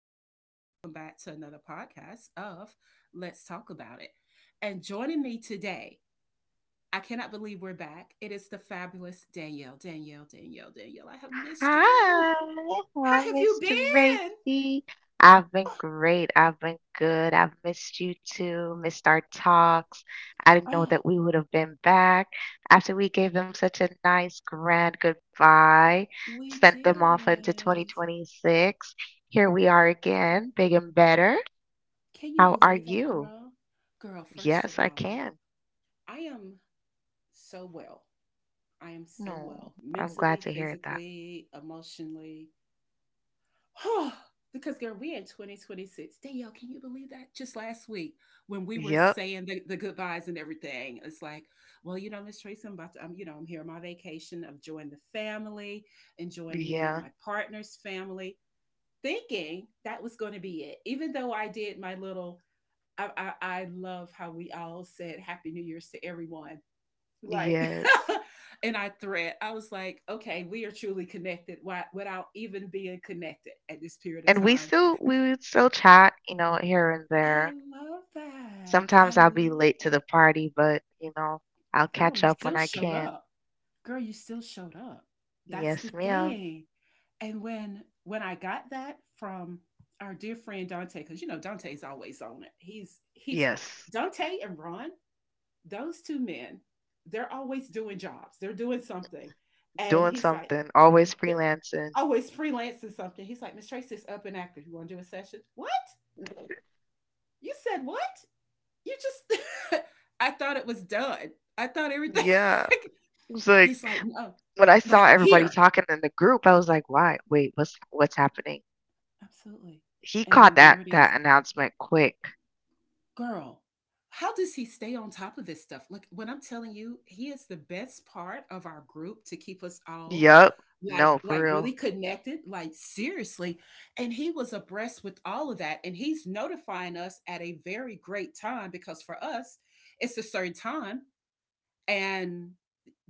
Tracy. Welcome back to another podcast of Let's Talk About It. And joining me today, I cannot believe we're back. It is the fabulous Danielle, Danielle, Danielle, Danielle. I have missed you. Hi, hi, How have you Mr. been? Tracy. I've been great. I've been good. I've missed you too, missed our talks. I didn't know Oh, that we would have been back after we gave them such a nice grand goodbye, we sent them off into did. 2026. Here we are again, big and better. Can you How are believe that, you? girl? Girl, first Yes, of I all, can. I am so well. I am so No, well, I'm mentally, glad to hear that. physically, emotionally. Because girl, we in 2026. Danielle, can you believe that? Just last week when we were Yep. saying the goodbyes and everything, it's like, well, you know, Miss Tracy, I'm about to, I'm, I'm here on my vacation. I'm enjoying the family, enjoying meeting Yeah. my partner's family, thinking that was going to be it. Even though I did my little, I love how we all said Happy New Year's to everyone like Yes. and I thread I was like, okay, we are truly connected without even being connected at this period of And we time. still we would still chat, you know, here and I there. love that, Sometimes I I'll be love late to that. the party, but you know, I'll Girl, catch you up when still I showed can. up. Girl, you still showed up. That's the Yes, ma'am. thing. And when I got that from our dear friend Dante, because you know Dante's always on it, he's Yes, Dante and Ron, those two men, they're always doing jobs, they're doing something. And doing he's like something, always freelancing. always freelancing something. He's like, Miss Tracy's up and active. You want to do a session? What? You said what? You just, I thought it was done. I thought everything. Yeah. It was He's like like, no, when I saw like everybody here. talking in the group, I was like, "Why? Wait, what's happening?" Absolutely. He And caught then there that it is. that announcement quick. Girl, how does he stay on top of this stuff? Like, when I'm telling you, he is the best part of our group to keep us all Yup. like No, for like really real. connected, like seriously. And he was abreast with all of that, and he's notifying us at a very great time, because for us it's a certain time, and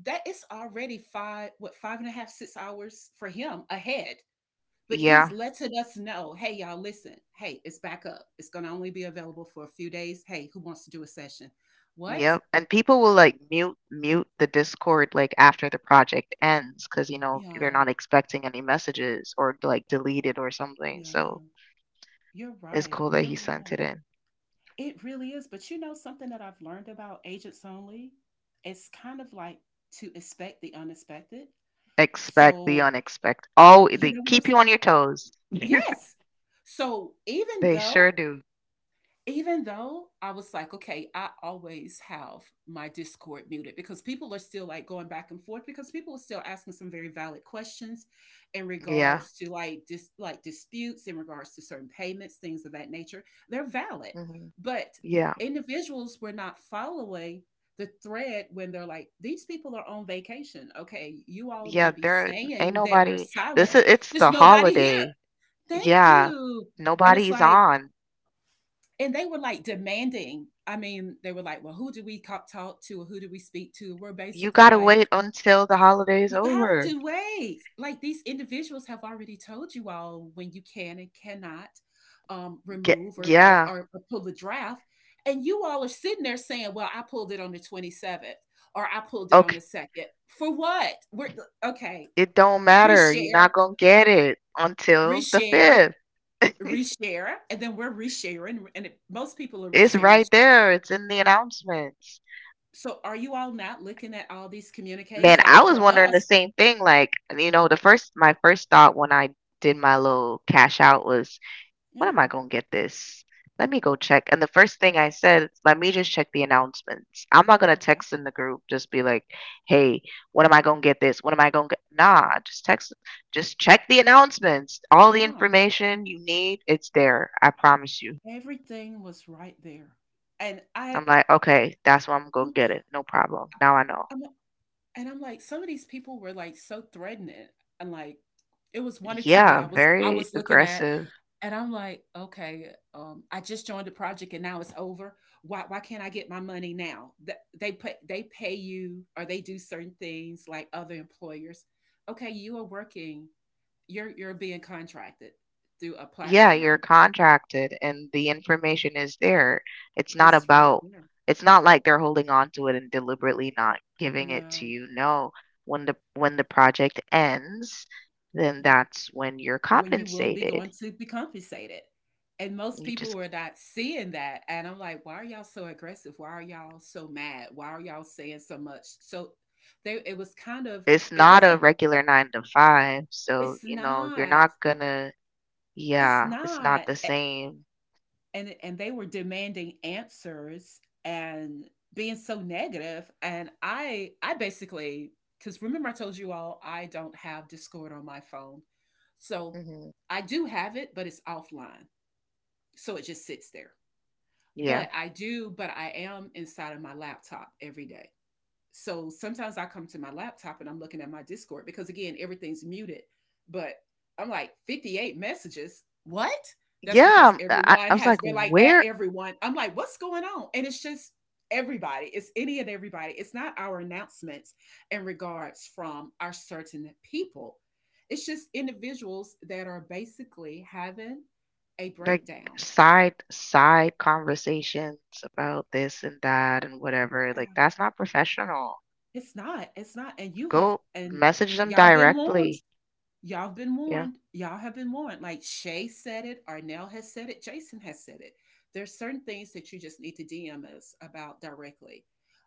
that is already five, what, five and a half, 6 hours for him ahead. But he's Yeah. letting us know, hey, y'all, listen, hey, it's back up. It's going to only be available for a few days. Hey, who wants to do a session? What? Yep, and people will, like, mute the Discord, like, after the project ends, cause you know, they're Yeah, not expecting any messages or, like, delete it or something, yeah, so you're it's right. cool that You're he sent right. it in. It really is. But you know, something that I've learned about agents only, it's kind of like to expect the unexpected. Expect the So, unexpected. Oh, you they know what I'm keep s- you on your toes. Yes. So, even They sure though, do. even though I was like, okay, I always have my Discord muted, because people are still like going back and forth, because people are still asking some very valid questions in Yeah, regards to like like disputes in regards to certain payments, things of that nature. They're valid, mhm. but Yeah, individuals were not following the thread. When they're like, these people are on vacation. Okay, you all yeah, may be there ain't saying that they're nobody this silent. is it's There's the nobody here. holiday. Thank Yeah, you. And it's nobody's like, on. and they were like demanding, I mean, they were like, well, who do we talk to, who do we speak to? We're You basically gotta like, wait until the holiday's you have over. to wait. Like, these individuals have already told you all when you can and cannot, Get remove yeah, or pull the draft. And you all are sitting there saying, well, I pulled it on the 27th or I pulled it on okay. the 2nd. For what? We're Okay. It don't matter. You're Reshare, not gonna get it until the reshare, fifth. reshare. And then we're resharing, and it, most people are It's resharing. right there. It's in the announcements. So, are you all not looking at all these Man, communiques? I Like, was for wondering the us. same thing. Like, you know, the first my first thought when I did my little cash out was when am Yeah, I gonna get this? Let me go check. And the first thing I said, is, let me just check the announcements. I'm not gonna okay. text in the group, just be like, hey, when am I gonna get this? When am I gonna get nah, just text just check the announcements. All the Yeah, information you need, it's there. I promise you. everything was right there. And I I'm like, okay, that's when I'm gonna get I'm it. No problem. Now I know. and I'm like, some of these people were, like, so threatening, and, like, it was 1 or 2 that Yeah, I was I very was looking at, aggressive. and I'm like, "Okay, I just joined the project and now it's over. Why can't I get my money now?" Th They pay, they pay you, or they do certain things like other employers. Okay, you are working, you're being contracted through a Yeah, you're platform. contracted and the information is there. It's not It's right about, there. it's not like they're holding on to it and deliberately not giving it Yeah, to you. No, when the project ends, then yeah. that's when you're When you will be compensated. going to be compensated. And most You people just, were not seeing that. And I'm like, why are y'all so aggressive? Why are y'all so mad? Why are y'all saying so much? So they. It was kind of, it's it not a wasn't, regular 9 to 5, so it's you know, you're not. not gonna, It's yeah, it's not not. the same. And they were demanding answers and being so negative, and I basically, because remember, I told you all, I don't have Discord on my phone. So Hmm. I do have it, but it's offline, so it just sits there. Yeah. But I do, but I am inside of my laptop every day. So sometimes I come to my laptop and I'm looking at my Discord, because again, everything's muted. But I'm like, 58 messages. What? That's because Yeah, I, everyone I was has like, been like at where everyone. I'm like, what's going on? And it's just everybody. It's any and everybody. It's not our announcements in regards from our certain people. It's just individuals that are basically having a like breakdown. side conversations about this and that and whatever. Like Uh, that's not professional. It's not. It's not. And you have, Go and message them y'all been warned. directly. Y'all have been Yeah. warned. Y'all have been warned. Like Shay said it, Arnell has said it, Jason has said it. There's certain things that you just need to DM us about directly.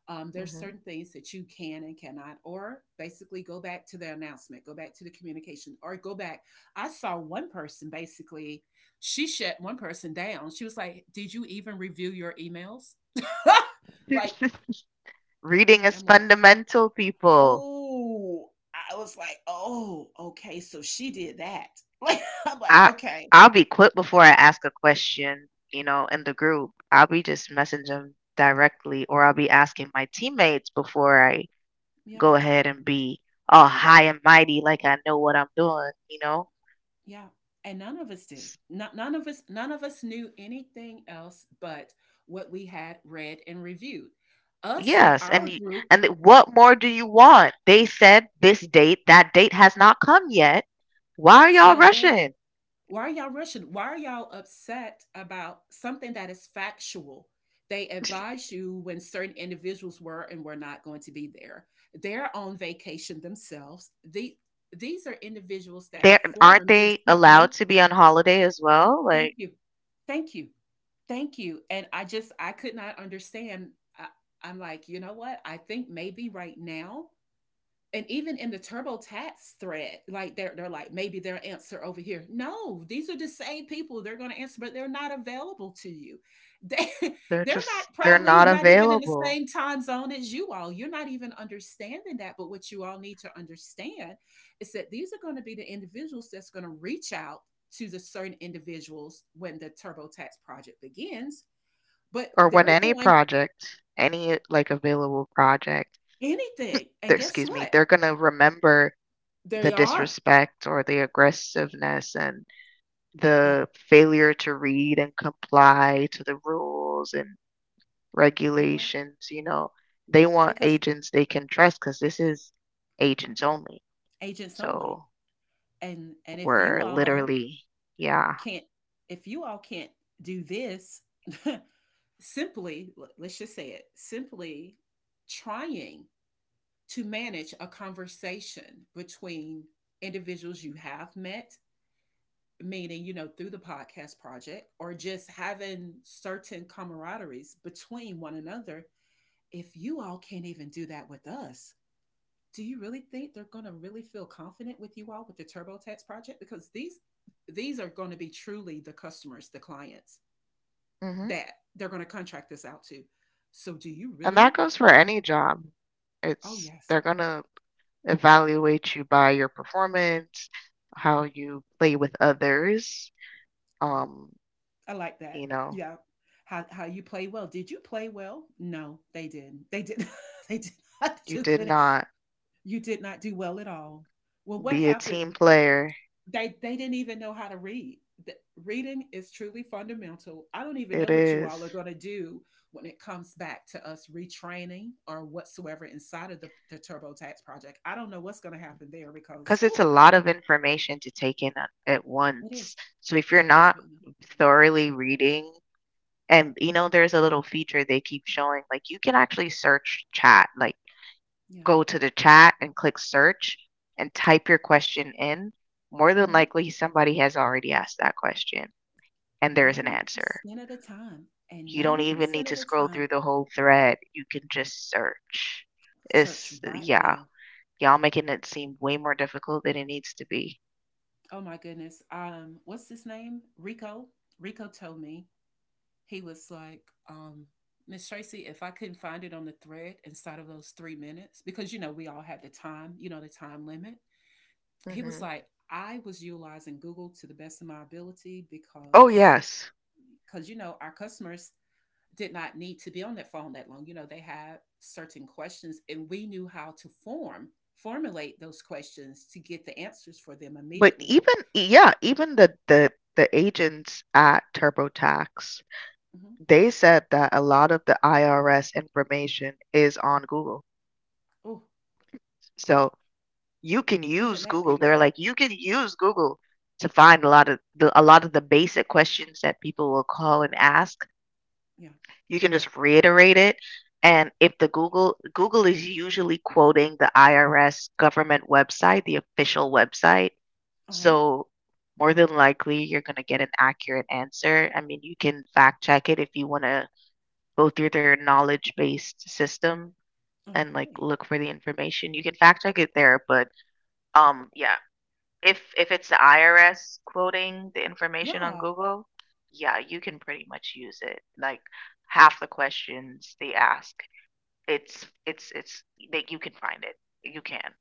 There's Hmm. certain things that you can and cannot, or basically go back to the announcement, go back to the communication, or go back. I saw one person basically, she shut one person down. She was like, did you even review your emails? Like, Reading is I'm like, fundamental, people. ooh, I was like, "Oh, okay, so she did that." Like, I'm like, I "Okay, I'll be quick before I ask a question, you know, in the group. I'll be just messaging them directly or I'll be asking my teammates before I yeah, go ahead and be all high and mighty like I know what I'm doing, you know? yeah." And none of us do. Not none of us, none of us knew anything else but what we had read and reviewed. Us in Yes, and our y group, and th- what more do you want? They said this date, that date has not come yet. Why are y'all so rushing? why are y'all rushing? Why are y'all upset about something that is factual? They advise you when certain individuals were and were not going to be there. They're on vacation themselves. These are individuals that They're have aren't formed this they allowed company. to be on holiday as well? Thank Like you. Thank you. Thank you. And I just, I could not understand. I, I'm like, you know what? I think maybe right now, and even in the TurboTax thread, like they're like, maybe their answer over here. No, these are the same people. They're going to answer, but they're not available to you. They, they're they're just not they're probably not not even in the available. same time zone as you all. You're not even understanding that. But what you all need to understand is that these are going to be the individuals that's going to reach out to the certain individuals when the TurboTax project begins. But Or when they're any going, project, any like available project, anything, and guess excuse me, what? they're gonna remember There the you are. disrespect or the aggressiveness and Yeah, the failure to read and comply to the rules and you're right, regulations, you know, they want because agents they can trust because this is agents only. agent solely. So And if you we're all literally, yeah. can't, if you all can't do this simply, let's just say it simply, trying to manage a conversation between individuals you have met, meaning, you know, through the podcast project, or just having certain camaraderies between one another, if you all can't even do that with us, do you really think they're going to really feel confident with you all with the TurboTax project? Because these are going to be truly the customers, the clients Hmm. that they're going to contract this out to. So do you And really? that goes for any job. Oh It's yes, they're gonna evaluate you by your performance, how you play with others. right. Um, I like that. you know, Yeah. How you play well? Did you play well? No, they didn't. They did. They did not you do did good. not You did not do well at all. Well, what be a happened? team player. They didn't even know how to read. The, Reading is truly fundamental. I don't even know It what you all are is. going to do when it comes back to us retraining or whatsoever inside of the TurboTax project. I don't know what's going to happen there because 'Cause whew, it's a lot of information to take in at it is. once. So if you're It not really, thoroughly reading and, you know, there's a little feature they keep showing, like, you can actually search chat, like, yeah. go to the chat and click search and type your question in. More than Hmm. likely, somebody has already asked that question, and there's an answer. 90% of the time, and You don't even need 90% of to the scroll time, through the whole thread, you can just search. search It's right yeah, there. y'all making it seem way more difficult than it needs to be. Oh my goodness. What's his name? Rico. Rico told me he was like, um, Miss Tracy, if I couldn't find it on the thread inside of those 3 minutes, because you know, we all had the time, you know, the time limit, he was Mhm. like, I was utilizing Google to the best of my ability, Oh, because yes. You know, our customers did not need to be on that phone that long. You know, they had certain questions, and we knew how to formulate those questions to get the answers for them But immediately. even yeah, even the agents at TurboTax, Hmm. they said that a lot of the IRS information is on Google. Oh, So you can isn't use that Google. They're beautiful? like, you can use Google to find a lot of the basic questions that people will call and ask. Yeah. You can just reiterate it. And if the Google is usually quoting the IRS government website, the official website. Uh-huh. So more than likely you're going to get an accurate answer. I mean, you can fact check it if you want to go through their knowledge-based system and like Okay. look for the information. You can fact check it there, but yeah, if it's the IRS quoting the information on Yeah. Google, yeah, you can pretty much use it. Like half the questions they ask, it's that you can find it. You can.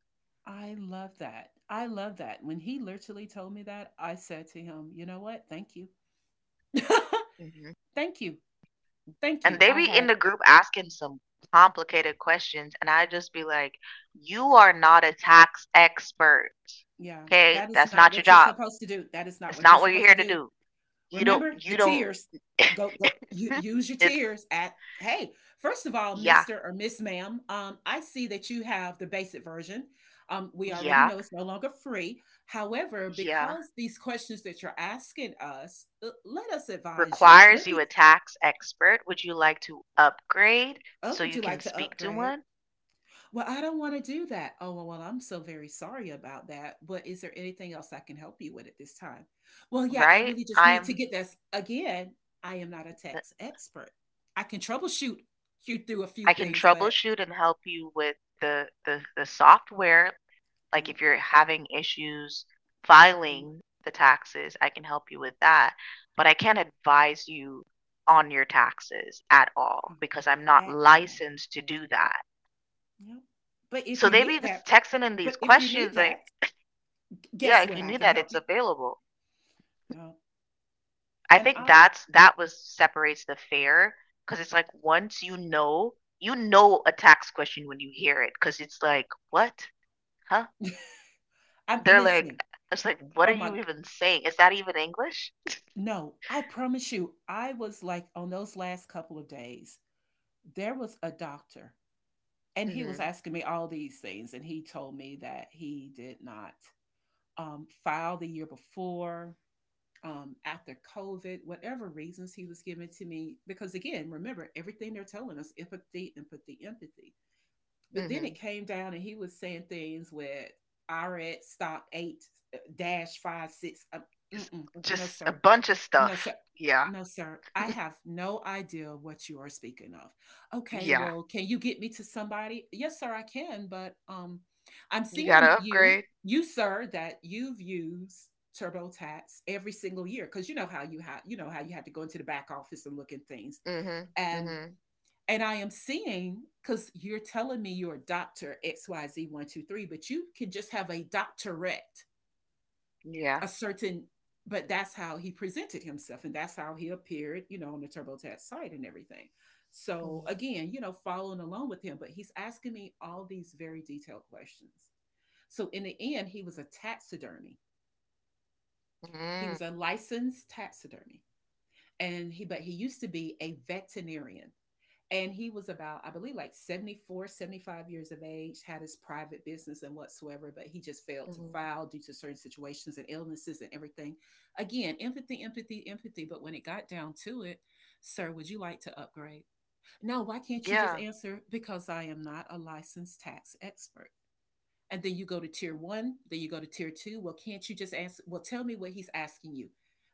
I love that. I love that. When he literally told me that, I said to him, "You know what? Thank you. Hmm. Thank you. Thank And you." they I be in had, the group asking some complicated questions, and I just be like, "You are not a tax expert. yeah, Okay, that is that's not not your what you're job. supposed to do. That is not It's what you're not what you're supposed to here to do. do. You don't Remember the you don't." tears. Go, go you, use your It's tears at, hey, first of all, yeah, Mr. or Miss Ma'am, I see that you have the basic version. We already yeah, know it's no longer free. However, yeah. because these questions that you're asking us, let us advise you. Requires Let you me— a tax expert. Would you like to upgrade Oh, so would you you can like to speak to upgrade? one? Well, I don't want to do that. Oh, well, I'm so very sorry about that. But is there anything else I can help you with at this time? Well, yeah, I Right? really just need to get this. Again, I am not a tax expert. I can troubleshoot you through a few I can things, but troubleshoot and help you with the software. you Like know, if you're having issues mm, filing the taxes, I can help you with that. But I can't advise you on your taxes at all mm, because I'm not at all. licensed to do that. Yep. But if So you they be need that, texting in these but if you need questions like, that, yeah, guess if what? you I knew can that, help it's you. available. Yeah, I And think I, that's that was separates the fair because it's like once you know a tax question when you hear it because it's like, what? Huh? I'm They're like, listening. it's like, what are Oh my, you even saying? Is that even English? no, I promise you, I was like on those last couple of days. There was a doctor and he was Hmm. asking me all these things, and he told me that he did not file the year before, after COVID, whatever reasons he was giving to me. Because again, remember, everything they're telling us: empathy, empathy, empathy. But then it Hmm. came down and he was saying things with RX stock 8, dash 5 6, It's no just a sir, bunch of no, sir. stuff. Yeah. No, sir. I have no idea what you are speaking of. Okay, Yeah. well, can you get me to somebody? Yes, sir, I can, but um, I'm You gotta seeing you, upgrade. you sir, that you've used TurboTax every single year, cuz you know how you have— you know how you have to go into the back office and look at things. Hmm. And Hmm. I am seeing, cuz you're telling me you're a doctor XYZ123, but you can just have a doctorate, Yeah. a certain— but that's how he presented himself, and that's how he appeared, you know, on the TurboTax site and everything. So Hmm. again, you know, following along with him, but he's asking me all these very detailed questions. So in the end, he was a taxidermy. He Hmm. was a licensed taxidermy, and he used to be a veterinarian. And he was about, I believe, like 74, 75 years of age, had his private business and whatsoever, but he just failed to Hmm. file due to certain situations and illnesses and everything. Again, empathy, empathy, empathy. But when it got down to it: sir, would you like to upgrade? No, why can't you just Yeah. answer? Because I am not a licensed tax expert. And then you go to tier one, then you go to tier two. Well, can't you just ask? Well, tell me what he's asking you.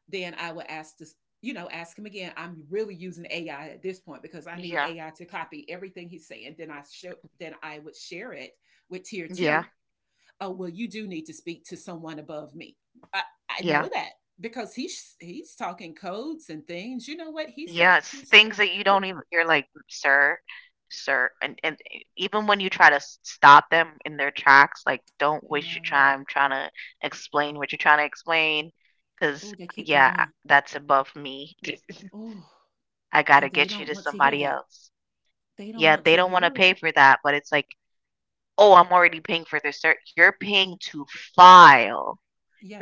Then I would ask this, you know, ask him again. I'm really using AI at this point because I need Yeah. AI to copy everything he's saying. Then I show— then I would share it with tier Yeah. two. Oh, well, you do need to speak to someone above me. I, I know Yeah. that, because he's talking codes and things. You know what he's Yes, things that you he, don't even you're like, "Sir, sir," and even when you try to s stop them in their tracks, like, don't waste your um, time trying to explain what you're trying to explain, because oh, they keep yeah, I going. that's above me. Oh. I And gotta they get you don't to want to hear somebody that. else. They don't Yeah, want they to don't wanna hear pay it. for that, but it's like, "Oh, I'm already paying for this, sir." You're paying to file.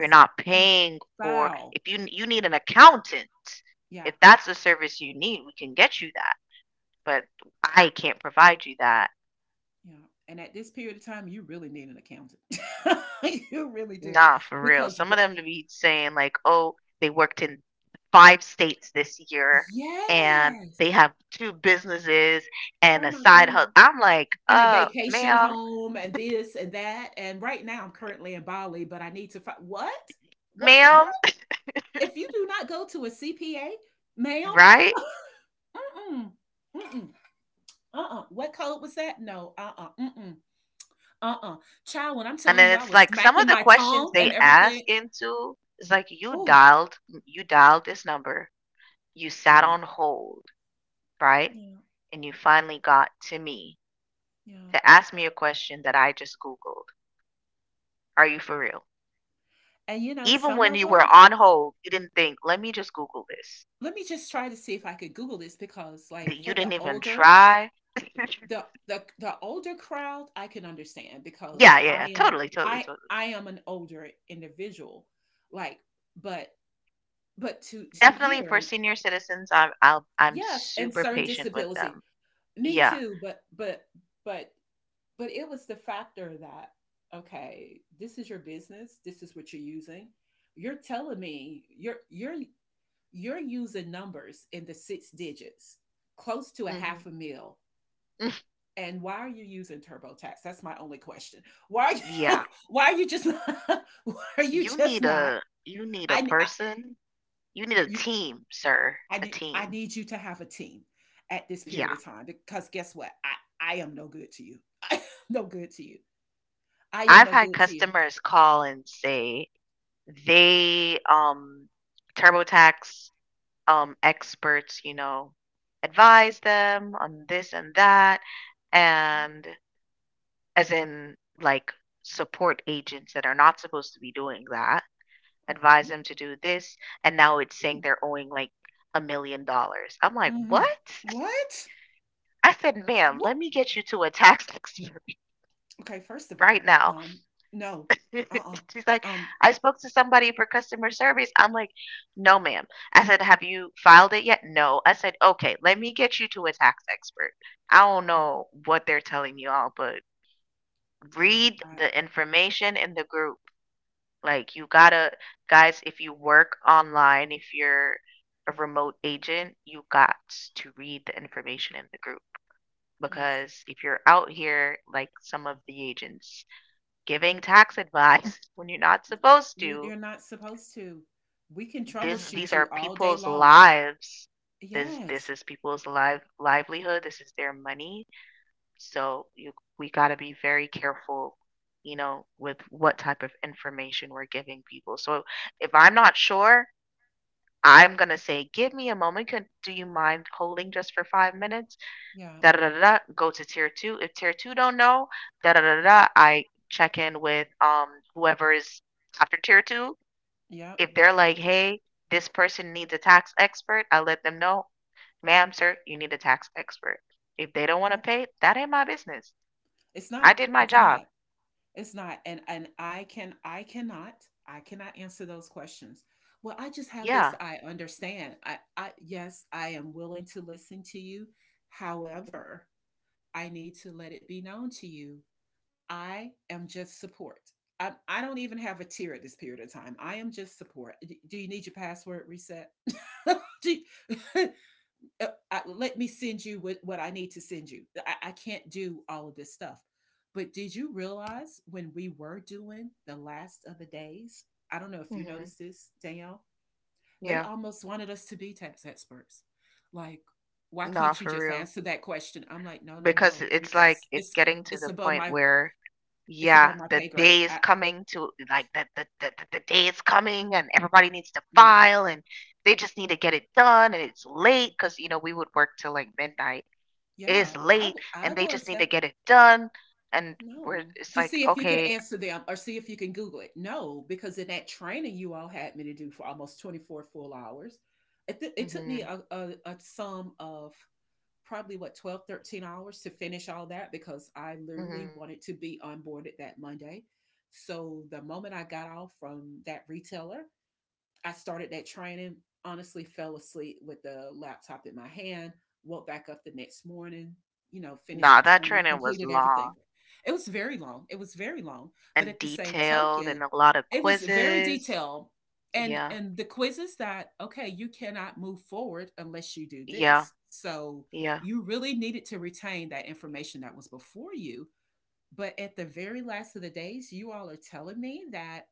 You're not to paying for file. if you need an accountant. Yeah, If that's the service you need, we can get you that but I can't provide you that. yeah, and at this period of time, you really need an accountant. You really do, Nah, for real. because Some the of them to be saying like, oh, they worked in five states this year and Yes! they have two businesses and Oh a my side hustle. goodness. I'm like, And a vacation ma'am, home and this and that, and right now I'm currently in Bali, but I need to fi What? What what? ma'am, If you do not go to a CPA, ma'am, right? mm-mm, mm-mm, uh-uh, what code was that? No, uh-uh, mm-mm, uh-uh. Child, when I'm And telling then you I it's was like some smacking of the my questions tongue they and ask everything. into is like you Ooh. dialed you dialed this number, you sat Yeah. on hold, right? Yeah, And you finally got to me yeah, to ask me a question that I just Googled. Are you for real? and, you know, Even some when of you were them. on hold, you didn't think, "Let me just Google this." Let me just try to see if I could Google this because, That like, for you didn't the even older— try. the older crowd, I can understand, because Yeah, I yeah, am— totally, totally, I totally. I am an older individual, like, but— but to Definitely hear— for senior citizens, I'm yes, and super certain patient with disability. them. Me Yeah, too, but— but but it was the factor that, "Okay, this is your business, this is what you're using. You're telling me you're using numbers in the six digits, close to a hmm. half a mil. And why are you using TurboTax? That's my only question. Why are you— Yeah. why are you just not, why are you just not?" You need a I person. You need a you— team, sir. I A need— I team. need you to have a team at this period Yeah. of time, because guess what? I am no good to you. I am no good to you. I am I've no had good to you. customers call and say they TurboTax experts, you know, advise them on this and that, and as in like support agents that are not supposed to be doing that, advise Okay. them to do this, and now it's saying they're owing like $1 million. I'm like, Mm-hmm. what? What? I said, ma'am, What? let me get you to a tax expert Okay. First of right all, now. No. Uh. She's like, uh Um. I spoke to somebody for customer service. I'm like, no, ma'am. I said, have you filed it yet? No. I said, okay, let me get you to a tax expert. I don't know what they're telling you all, but Yeah, read I— the information in the group. Like, guys, if you work online, if you're a remote agent, you got to read the information in the group. yes. Because if you're out here, like some of the agents, giving tax advice when you're not supposed You— to, you're not supposed to. We can this these troubleshoot are you all day people's long. lives. This Yes. is people's livelihood. This is their money. So you we got to be very careful, you know, with what type of information we're giving people. So if I'm not sure, I'm gonna say, give me a moment. Do you mind holding just for 5 minutes? Yeah. Da da da da. Da. Go to tier two. If tier two don't know, da da da da. Da, I check in with whoever is after tier two Yep. if they're like, hey, this person needs a tax expert, I let them know, ma'am, sir, you need a tax expert. If they don't want to Yep. pay, that ain't my business. It's I not. did my It's job. not. It's not. And I can— I cannot— I cannot answer those questions. Well, I just have this— Yeah. I understand. I yes, I am willing to listen to you. However, I need to let it be known to you, I am just support. I don't even have a tier at this period of time. I am just support. Do you need your password reset? Do you— let me send you what— what I need to send you. I can't do all of this stuff. But did you realize when we were doing the last of the days? I don't know if you Hmm. noticed this, Danielle. They Yeah. almost wanted us to be tax experts. Like, why Nah, can't you for just real. answer that question? I'm like, no, no, Because no, it's like, because it's it's— getting to it's the above point my— where, it's yeah, above my pay grade. I— the day is coming and everybody needs to yeah. file and they just need to get it done and it's late because, we would work till like midnight is Yeah, late I and they will just need to accept— get it done. And we're no. it's Just like, see if you can okay. answer them or see if you can Google it. No, because in that training you all had me to do for almost 24 full hours, it took me Hmm, a sum of probably what, 12, 13 hours to finish all that, because I hmm. literally wanted to be onboarded that Monday. So the moment I got off from that retailer, I started that training, honestly fell asleep with the laptop in my hand, woke back up the next morning, you know, finished Nah, the that training, training was completed everything. long It was very long. It was very long. But and at the same detailed and token, a lot of it was very quizzes. detailed. And— Yeah, and the quizzes that, okay, you cannot move forward unless you do yeah, this. So yeah. you really needed to retain that information that was before you. But at the very last of the days, you all are telling me that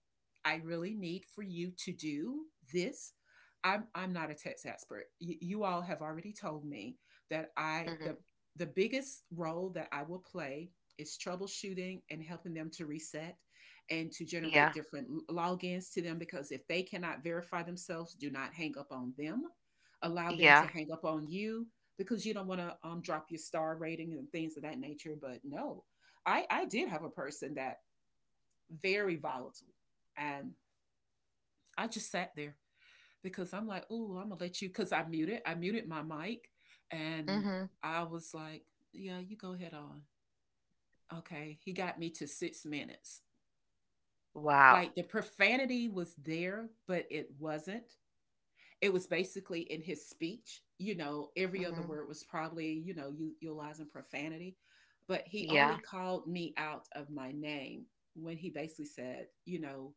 I really need for you to do this. I'm not a text expert. You all have already told me that I Hmm, the biggest role that I will play is troubleshooting and helping them to reset and to generate yeah, different logins to them, because if they cannot verify themselves, do not hang up on them. Allow them to yeah. hang up on you, because you don't want to drop your star rating and things of that nature. But no, I did have a person that— very volatile. And I just sat there, because I'm like, oh, I'm gonna let you, because I muted— I muted my mic. And Hmm. I was like, yeah, you go ahead on. Okay. He got me to 6 minutes. Wow. Like, the profanity was there, but it wasn't. It was basically in his speech. You know, every other Hmm. word was probably, you know, utilizing profanity. But he only Yeah. called me out of my name when he basically said, you know,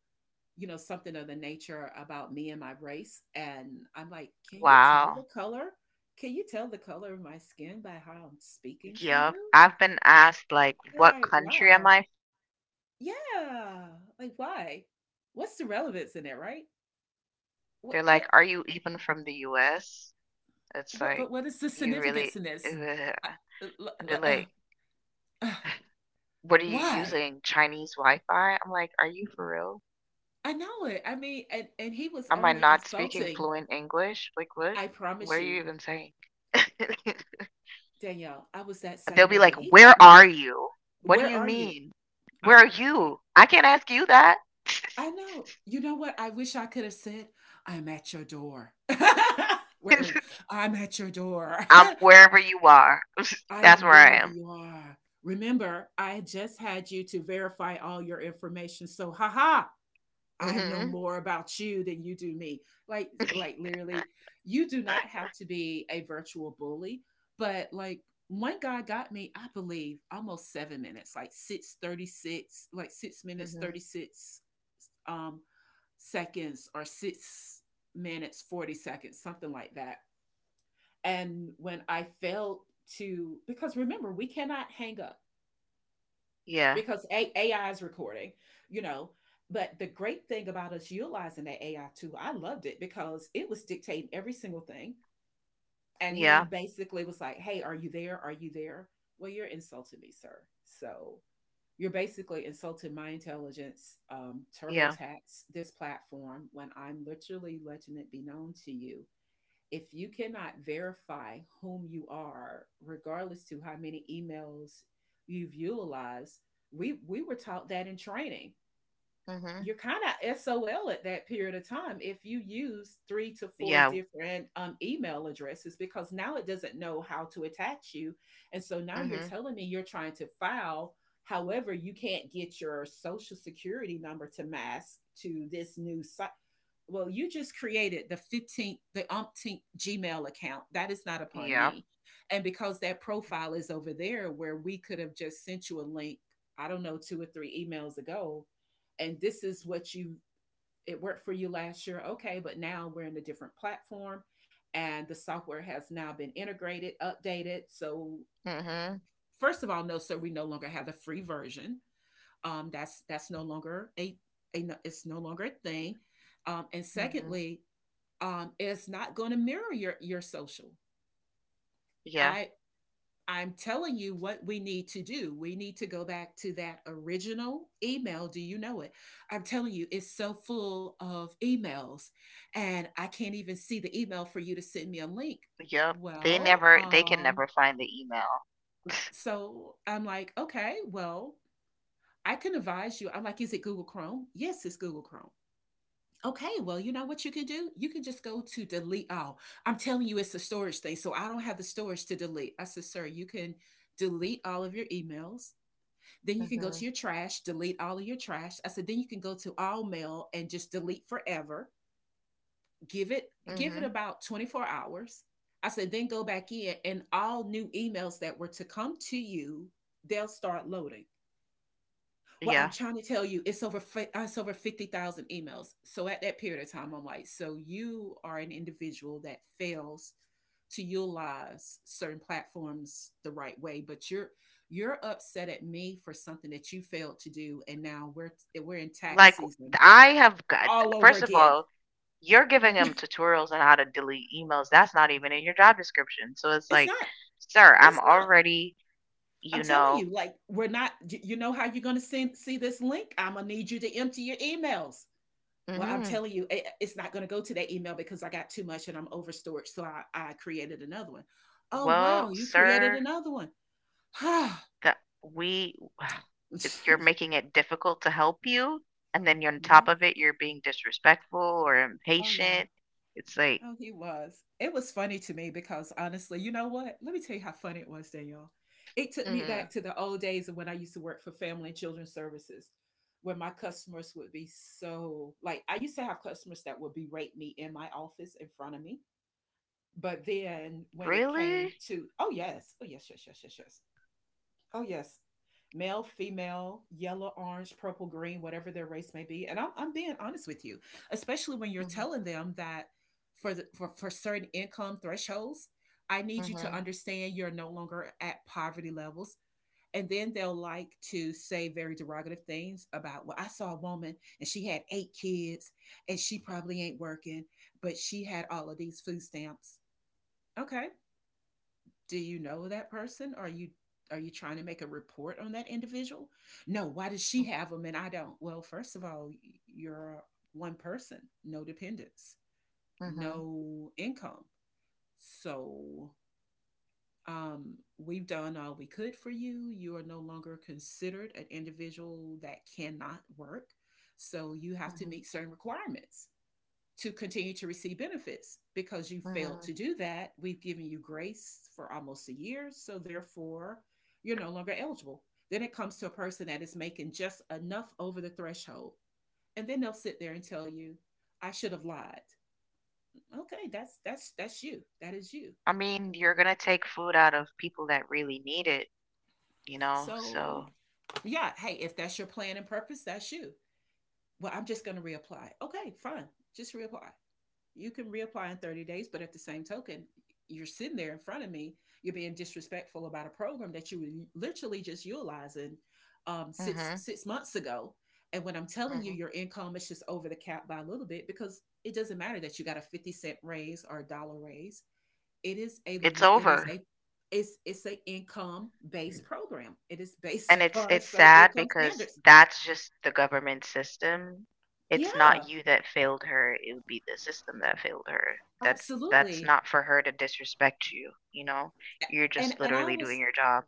something of the nature about me and my race. And I'm like, can you tell the Wow. color? Can you tell the color of my skin by how I'm speaking to Yep. you? I've been asked like, They're what like, country am wow. I? Yeah. Like, why? What's the relevance in that, right? They're What, like, what, are you even from the US? It's but like, what is the you significance really, in ugh. this? I, uh, l- And they're uh, like, uh, "What are you why? using? Chinese Wi-Fi?" I'm like, "Are you for real? I know it. I mean, and— and he was Am I only not speaking insulting. fluent English? Like, what? I What promise are you you, even saying?" Danielle, I was that same They'll be way, but like, he "Where got me. are you? What do Where you are you? mean? Where I'm are you? I can't ask you that. I know. You know what? I wish I could have said, "I'm at your door." Where are you? "I'm at your door. I'm wherever you are. I That's am where I wherever am." you are." Remember, I just had you to verify all your information. So, haha, I know Mhm. more about you than you do me. Like literally, you do not have to be a virtual bully, but like, one guy got me, I believe, almost 7 minutes, like 6:36, like 6 minutes Mhm. 36 um seconds, or 6 minutes, 40 seconds, something like that. And when I failed to— because remember, we cannot hang up Yeah. because AI is recording, you know. But the great thing about us utilizing that AI tool, I loved it, because it was dictating every single thing. And he Yeah. basically was like, hey, are you there? Are you there? Well, you're insulting me, sir. So you're basically insulting my intelligence, Yeah. TurboTax, this platform, when I'm literally letting it be known to you. If you cannot verify whom you are, regardless to how many emails you've utilized, we were taught that in training Mhm. you're kind of SOL at that period of time if you use three to four Yeah. different email addresses because now it doesn't know how to attach you. And so now you're Mhm. telling me you're trying to file. However, you can't get your social security number to mask to this well, you just created the 15th, the umpteenth Gmail account. That is not upon Yeah. me. And because that profile is over there where we could have just sent you a link, I don't know, two or three emails ago, and this is what you, it worked for you last year. Okay, but now we're in a different platform and the software has now been integrated, updated. So, Mhm. first of all, no, sir, we no longer have the free version. That's no longer a, it's no longer a thing. And Mhm. secondly, it's not going to mirror your social. Yeah. I I'm telling you what we need to do. We need to go back to that original email. Do you know it? I'm telling you, it's so full of emails, and I can't even see the email for you to send me a link. Yep, Well, they can never find the email. so I'm like, okay, well, I can advise you. I'm like, is it Google Chrome? Yes, it's Google Chrome. Okay, well, you know what you can do? You can just go to delete all. I'm telling you, it's a storage thing. So I don't have the storage to delete. I said, sir, you can delete all of your emails. Then you can go to Mhm, your trash, delete all of your trash. I said, then you can go to all mail and just delete forever. Give it mhm. about 24 hours. I said, then go back in and all new emails that were to come to you, they'll start loading. Well, I'm Yeah, trying to tell you, it's it's over 50,000 emails. So at that period of time, I'm like, so you are an individual that fails to utilize certain platforms the right way, but you're upset at me for something that you failed to do and now we're in tax like, season I have got all over first of again. all, you're giving him tutorials on how to delete emails, that's not even in your job description, so it's It's like, not "Sir, I'm it's not. already, I'm you telling know." you, like we're not. You know how you're gonna see this link? I'm gonna need you to empty your emails. Well, I'm Mhm. telling you, it- it's not going to go to that email because I got too much and I'm over storage. So I created another one. Oh, wow. "Well, You created sir, another one. No. that we if you're making it difficult to help you, and then you're on top of it, you're being disrespectful or Oh, yeah. impatient." It's like, Oh, he was. It was funny to me because honestly, you know what? Let me tell you how funny it was, Danielle. It took me back mhm. to the old days of when I used to work for Family and Children's Services, where my customers would be so like, I used to have customers that would berate me in my office in front of me. But then when it came "Really?" to, oh, yes, oh, yes, yes, yes, yes, yes, oh, yes, male, female, yellow, orange, purple, green, whatever their race may be. And I'm being honest with you, especially when you're Mhm. telling them that for certain income thresholds, I need you to Mhm. understand you're no longer at poverty levels. And then they'll like to say very derogative things about, well, I saw a woman and she had eight kids and she probably ain't working, but she had all of these food stamps. Okay, do you know that person? Are you trying to make a report on that individual? No, why does she Mm. have them and I don't? Well, first of all, you're one person, no dependents, Mhm. no income. So, we've done all we could for you. You are no longer considered an individual that cannot work, so you have to Mhm. meet certain requirements to continue to receive benefits. Because you failed to Mhm. do that, we've given you grace for almost a year. So therefore, you're no longer eligible. Then it comes to a person that is making just enough over the threshold. And then they'll sit there and tell you, I should have lied. Okay, that's that's you. That is you. I mean, you're gonna take food out of people that really need it, you know? So So, yeah, hey, if that's your plan and purpose, that's you. Well, I'm just gonna reapply. Okay, fine. Just reapply. You can reapply in 30 days, but at the same token, you're sitting there in front of me. You're being disrespectful about a program that you were literally just utilizing six mhm. six months ago. And when I'm telling Mhm. you your income is just over the cap by a little bit, because it doesn't matter that you got a 50 cent raise or a dollar raise. It is a It's it is over. a it's a income based program. It is based And it's upon a it's certain sad income because standards. that's just the government system. It's not Yeah, you that failed her, it would be the system that failed her. That's absolutely. not for her to disrespect you, you know? You're just And I literally doing was your job.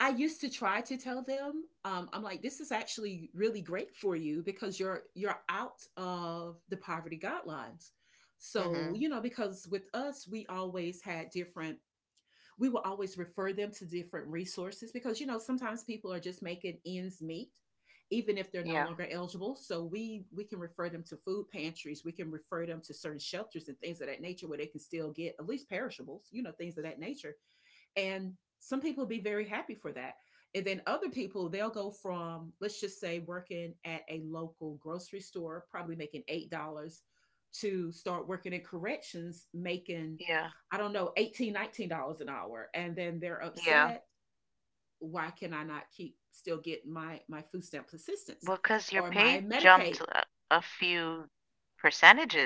I used to try to tell them, I'm like, this is actually really great for you because you're out of the poverty guidelines. So, Mhm. you know, because with us, we will always refer them to different resources because, you know, sometimes people are just making ends meet, even if they're no Yeah. longer eligible. So we can refer them to food pantries, we can refer them to certain shelters and things of that nature where they can still get at least perishables, you know, things of that nature. And some people be very happy for that. And then other people, they'll go from, let's just say, working at a local grocery store, probably making $8, to start working in corrections, making, Yeah. I don't know, $18 $19 an hour. And then they're Yeah. upset. Why can I not keep still get my food stamp assistance Well, because your or my pay jumped Medicaid? a few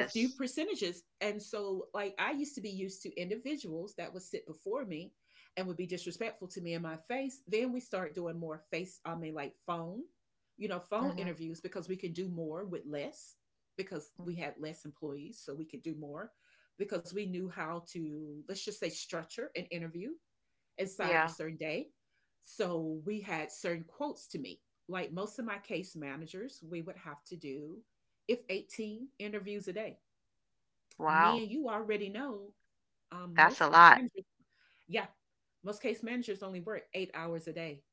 A few percentages. And so, like, I used to be used to individuals that would sit before me and would be disrespectful to me in my face. Then we start doing more like phone, you know, phone Mhm, interviews because we can do more with less because we mhm. had less employees. So we could do more because we knew how to, let's just say, structure an interview inside of a Yeah. certain day. So we had certain quotes to meet. Like most of my case managers, we would have to do, if 18 interviews a day. Wow. Men, you already know, That's a most lot. managers, yeah, most case managers only work 8 hours a day,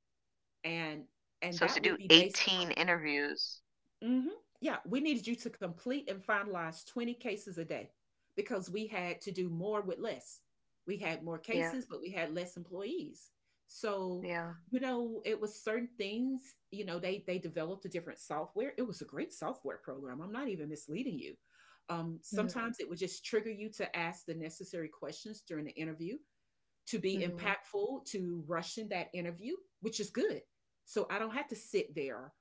and and So to that do would be based 18 interviews. hmm. Yeah, we needed you to complete and finalize 20 cases a day because we had to do more with less. We had more Yeah, cases, but we had less employees. So, yeah. you know, it was certain things, you know, they developed a different software. It was a great software program. I'm not even misleading you. Mhm, Sometimes it would just trigger you to ask the necessary questions during the interview to be mhm, impactful, to rush in that interview, which is good. So I don't have to sit there.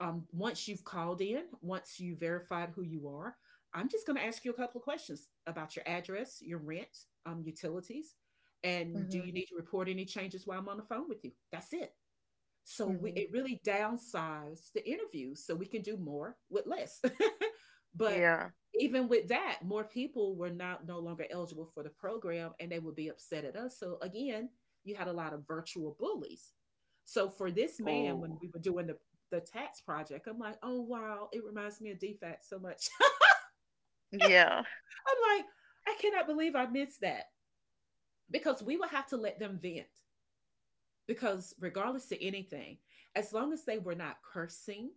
Once you've called in, once you verified who you are, I'm just going to ask you a couple of questions about your address, your rent, utilities, and do mhm, you need to report any changes while I'm on the phone with you? That's it. So we mhm. it really downsized the interviews so we can do more with less. But Yeah. even with that, more people were not no longer eligible for the program and they would be upset at us. So again, you had a lot of virtual bullies. So for this man, when Ooh. we were doing the tax project, I'm like, oh wow, it reminds me of DFAT so much. Yeah, I'm like, I cannot believe I missed that because we would have to let them vent because regardless of anything, as long as they were not cursing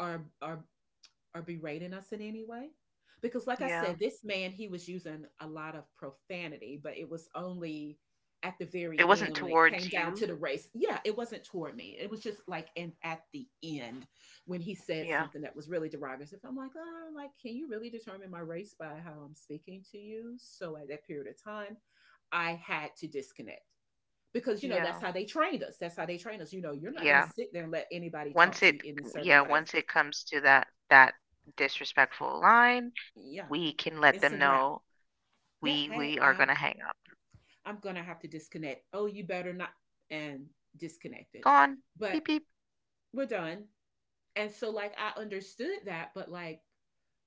are are are berating us in any way, because like I yeah. said, this man he was using a lot of profanity, but it was only at the very It wasn't end when it towards came down to you. the race. Yeah, it wasn't toward me, it was just like, and at the end when he said Yeah, something that was really derogatory. I'm like, oh, like, can you really determine my race by how I'm speaking to you? So at that period of time, I had to disconnect because, you know, that's yeah, how they trained us, you know, you're not going to yeah. sit there and let anybody Once talk to you it in a certain Yeah, way. once it comes to that disrespectful line, Yeah, we can let it's them a wrap. know Yeah, we hey, we are I'm gonna hang up. I'm gonna have to disconnect. Oh, you better not, and disconnected. Gone. Beep But beep. we're done. And so like I understood that, but like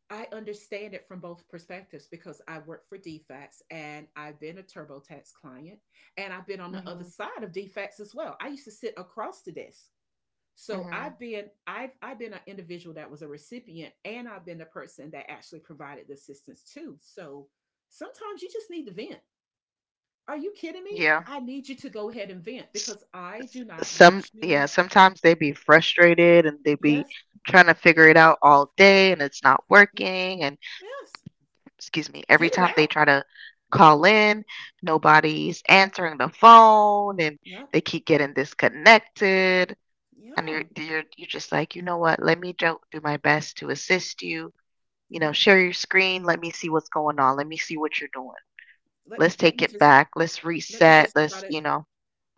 I understand it from both perspectives because I work for DFAX and I've been a TurboTax client, and I've been on the other Mhm. side of DFAX as well. I used to sit across the desk. So Mhm. I've been I've been an individual that was a recipient, and I've been the person that actually provided the assistance too. So sometimes you just need to vent. Are you kidding me? Yeah. I need you to go ahead and vent S- because I do not Some, want yeah, you. sometimes they be frustrated and they be Yes. trying to figure it out all day and it's not Yeah. working. And Yes. excuse me, every Get it time they out. try to call in, nobody's answering the phone and Yeah. they keep getting disconnected. And you're Yeah. you're you're just like, you know what? Let me do my best to assist you. You know, Yeah. share your screen. Let me see what's going on. Let me see what you're doing. Let Let's let take me it just back. Let's let me reset. just try Let's, to you know.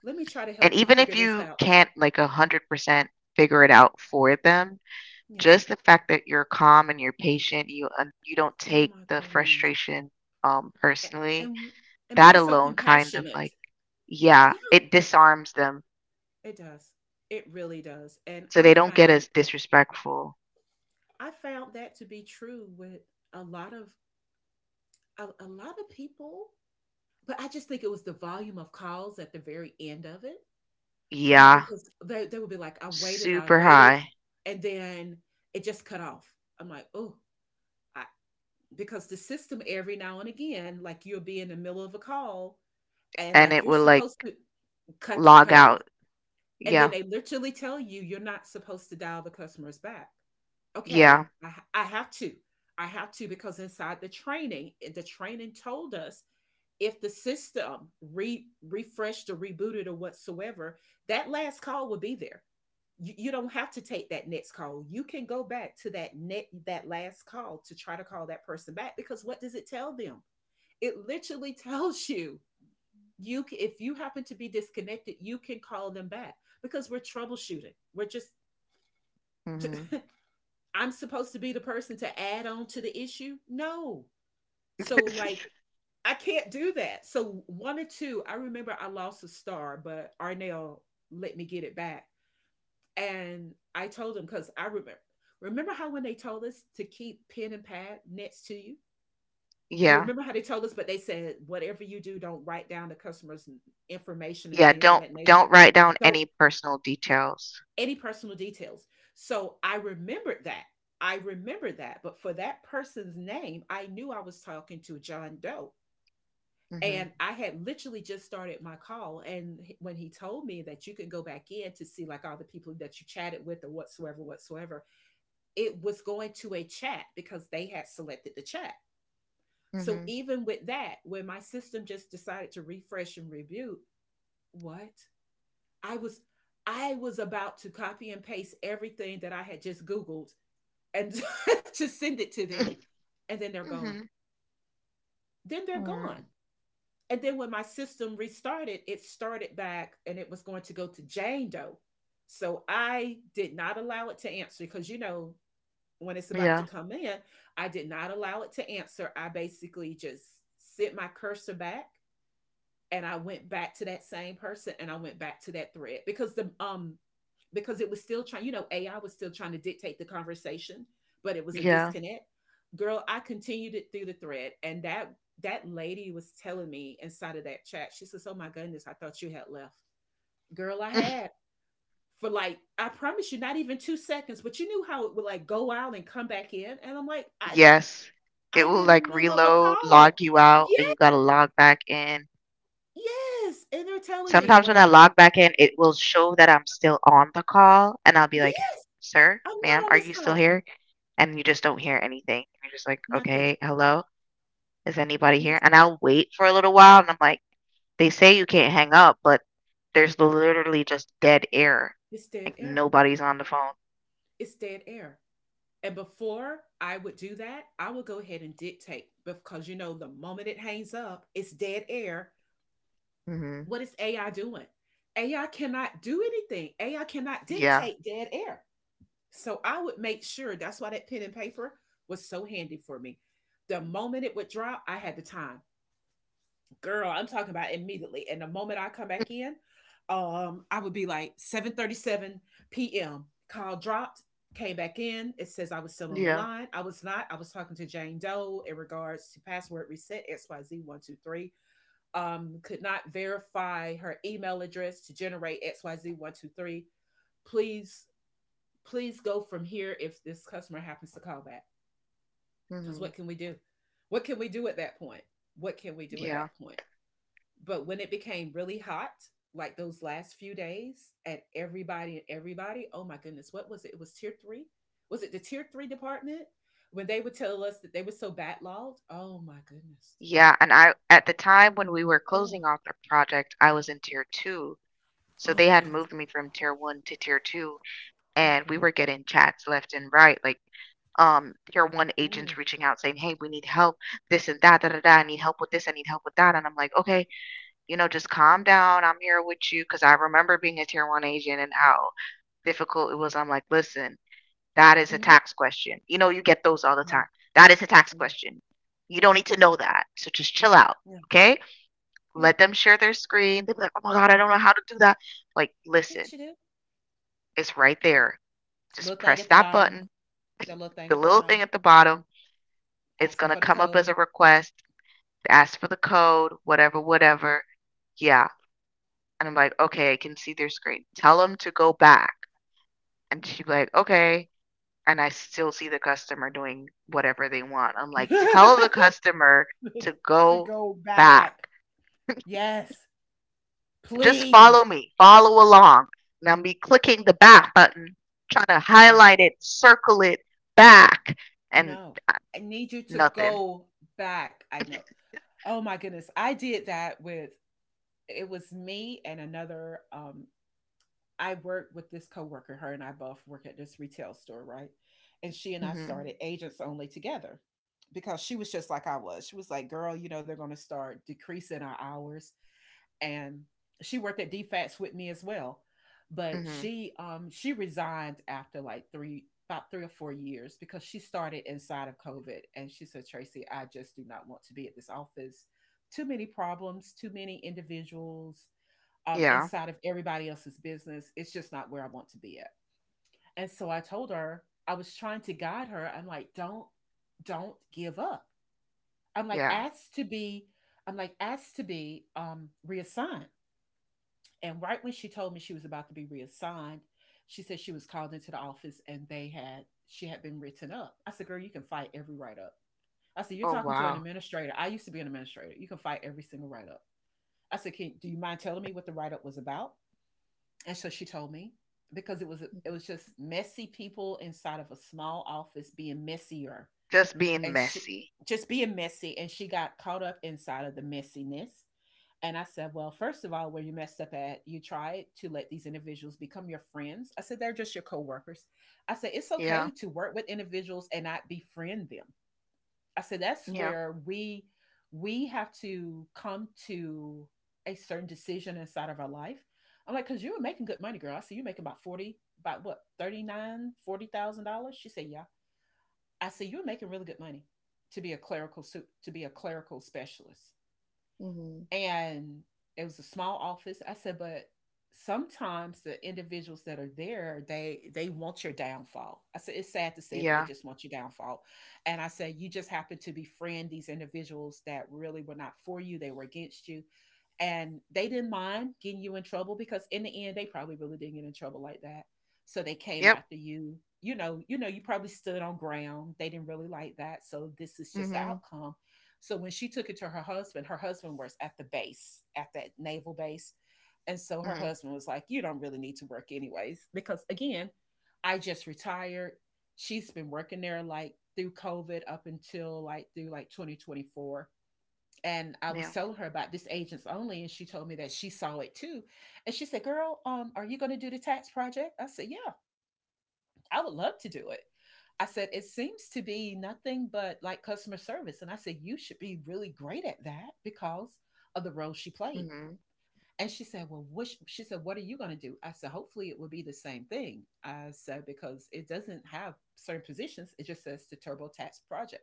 let me try to And help you even figure if this you out. can't like 100% figure it out for them, Yeah. just the fact that you're calm and you're patient, you don't Oh take my the goodness. frustration, A- personally, And and that being so alone kind of compassionate. like, yeah, Yeah, it disarms them it does. It really does. And so they don't get as disrespectful. I found that to be true with a lot of a lot of people, but I just think it was the volume of calls at the very end of it. Oh, Yeah, because they would be like, I super waited, high, and then it just cut off. I'm like, oh, I, because the system every now and again, like you'll be in the middle of a call, and and like it you're will supposed like to cut log cut off, out. and then Yeah, they literally tell you you're not supposed to dial the customers back. Okay, yeah, I have to, I have to, because inside the training, the training told us if the system re refreshed or rebooted or whatsoever, that last call would be there. You you, don't have to take that next call. You can go back to that net that last call to try to call that person back, because what does it tell them? It literally tells you if you happen to be disconnected, you can call them back because we're troubleshooting. We're just just mhm. I'm supposed to be the person to add on to the issue? No. So like I can't do that. So one or two, I remember I lost a star, but Arnell let me get it back. And I told him, because I remember, remember how when they told us to keep pen and pad next to you? Yeah, Remember how they told us, but they said whatever you do, don't write down the information and yeah, things of don't that don't nature. write down Don't any personal details. any personal details. So I remembered that. I remember that, but for that person's name, I knew I was talking to John Doe. Mhm, And I had literally just started my call. And when he told me that you can go back in to see like all the people that you chatted with or whatsoever, whatsoever, it was going to a chat because they had selected the chat. So mhm. even with that, when my system just decided to refresh and review, what? I was I was about to copy and paste everything that I had just Googled and to send it to them. And then they're gone. Mhm. Then they're gone. Mm, And then when my system restarted, it started back and it was going to go to Jane Doe. So I did not allow it to answer because you know when it's about to yeah, come in, I did not allow it to answer. I basically just sent my cursor back, and I went back to that same person and I went back to that thread because the because it was still trying, you know, AI was still trying to dictate the conversation, but it was a yeah. disconnect. Girl, I continued it through the thread, and that lady was telling me inside of that chat, she says, oh my goodness, I thought you had left. Girl, I had for like, I promise you, not even 2 seconds, but you knew how it would like go out and come back in. And I'm like, Yes. It I'm will in the like middle of a reload, log call. you out, Yeah, and you gotta log back in. yes. And they're telling me, Sometimes when I like, log back in, it will show that I'm still on the call, and I'll be like, yeah, "Sir, I'm not ma'am, on are this you still call. here?" And you just don't hear anything. You're just like, Nothing. "Okay, hello, is anybody here?" Yes, And I'll wait for a little while, and I'm like, "They say you can't hang up, but there's literally just dead air. it's dead Like air. nobody's on the phone." It's dead air. And before I would do that, I would go ahead and dictate, because you know the moment it hangs up, it's dead air. Hmm. What is AI doing? AI cannot do anything. AI cannot Yeah. dictate dead air. So I would make sure, that's why that pen and paper was so handy for me. The moment it would drop, I had the time. Girl, I'm talking about immediately. And the moment I come back in, I would be like, 7:37 p.m. call dropped, came back in. It says I was still on the Yeah. line. I was not. I was talking to Jane Doe in regards to password reset XYZ123. Could not verify her email address to generate XYZ123. Please please go from here if this customer happens to call back. Because Hmm. what can we do? What can we do at that point? What can we do at Yeah. that point? But when it became really hot, like those last few days, and everybody, oh my goodness, what was it? It was tier three. Was it the tier three department? When they would tell us that they were so backlogged, oh my goodness. Yeah, and I at the time when we were Oh, closing off the project, I was in tier two. So oh they had goodness. moved me from tier one to tier two, Oh and we girl. were getting chats left and right, like tier one Oh. agents reaching out saying, hey, we need help, this and that, da da da, I need help with this, I need help with that. And I'm like, okay, you know, just calm down. I'm here with you because I remember being a tier one agent and how difficult it was. I'm like, listen, that is a Mm-hmm. tax question. You know, you get those all the Yeah. time. That is a tax question. You Yeah. don't need to know that. So just chill out. Yeah. Okay? Yeah. Let them share their screen. They'll be like, "Oh my god, I don't know how to do that." Like, They listen, should do. it's right there. Little Just thing at press the that bottom. button, That little thing the at the little bottom. thing at the bottom. It's Ask them for gonna the come up code as a request. Ask for the code, whatever, whatever. Yeah. And I'm like, okay, I can see their screen. Tell them to go back. And she'd be like, okay. And I still see the customer doing whatever they want. I'm like, tell the customer to to go go back. back. Yes, Just please. follow me, follow along. And I'll be clicking the back button, trying to Yeah. highlight it, circle it back, and No, uh, I need you to nothing. go back. I know. Oh my goodness. I did that with it was me and another I worked with this coworker. Her and I both work at this retail store, right? And she and I Hmm. started agents only together because she was just like I was. She was like, "Girl, you know they're going to start decreasing our hours." And she worked at DFATS with me as well. But Hmm. She resigned after like three about 3 or 4 years because she started inside of COVID, and she said, Tracy, I just do not want to be at this office. Too many problems, too many individuals, Yeah, inside of everybody else's business. It's just not where I want to be at. And so I told her, I was trying to guide her. I'm like, don't give up. I'm like, yeah. I'm like, asked to be, reassigned. And right when she told me she was about to be reassigned, she said she was called into the office and they had she had been written up. I said, "Girl, you can fight every write up." I said, "You're Oh, talking to an wow. administrator. I used to be an administrator. You can fight every single write up." I said, "Can do you mind telling me what the write up was about?" And so she told me because it Mhm. was just messy people inside of a small office being messier, Just being and she messy. just being messy, and she got caught up inside of the messiness. And I said, Well, first of all, where you messed up at, you tried to let these individuals become your friends. I said, They're just your coworkers. I said, It's Yeah, okay to work with individuals and not befriend them. I said, That's yeah. where we have to come to a certain decision inside of our life. I'm like, because you were making good money, girl. I said, You're making about 40, about what, 39, $40,000? She said, Yeah. I said, You were making really good money to be a to be a clerical specialist. Hmm. And it was a small office. I said, but sometimes the individuals that are there, they want your downfall. I said, it's sad to say it, but they Yeah, just want your downfall. And I said, you just happen to befriend these individuals that really were not for you, they were against you, and they didn't mind getting you in trouble because in the end they probably really didn't get in trouble like that, so they came yep. after you. You know, you know you probably stood on ground they didn't really like that, so this is just the Hmm. outcome. So when she took it to her husband, her husband was at the base at that naval base, and so her Hmm. husband was like, you don't really need to work anyways, because again, I just retired. She's been working there like through COVID up until like through like 2024. And I Yeah, was telling her about this agents only, and she told me that she saw it too. And she said, Girl, are you going to do the tax project? I said, Yeah, I would love to do it. I said, It seems to be nothing but like customer service. And I said, You should be really great at that because of the role she played. hmm, And she said, Well, what she said, What are you going to do? I said, hopefully it will be the same thing. I said, because it doesn't have certain positions, it just says the TurboTax project.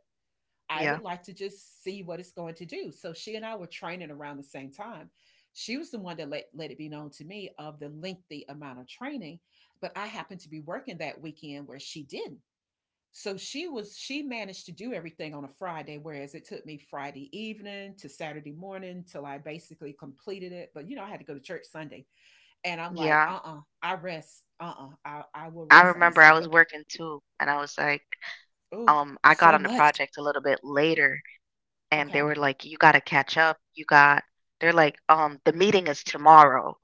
I would yeah, like to just see what it's going to do. So she and I were training around the same time. She was the one that let it be known to me of the lengthy amount of training, but I happened to be working that weekend where she didn't. So she managed to do everything on a Friday, whereas it took me Friday evening to Saturday morning till I basically completed it. But you know, I had to go to church Sunday. And I'm like, yeah. uh-uh, I rest. Uh-uh. I will I rest on the remember I was Sabbath. working too, and I was like, Oh, I got so on the much. project a little bit later and they Okay. were like, "You gotta catch up. You got." They're like, the meeting is tomorrow,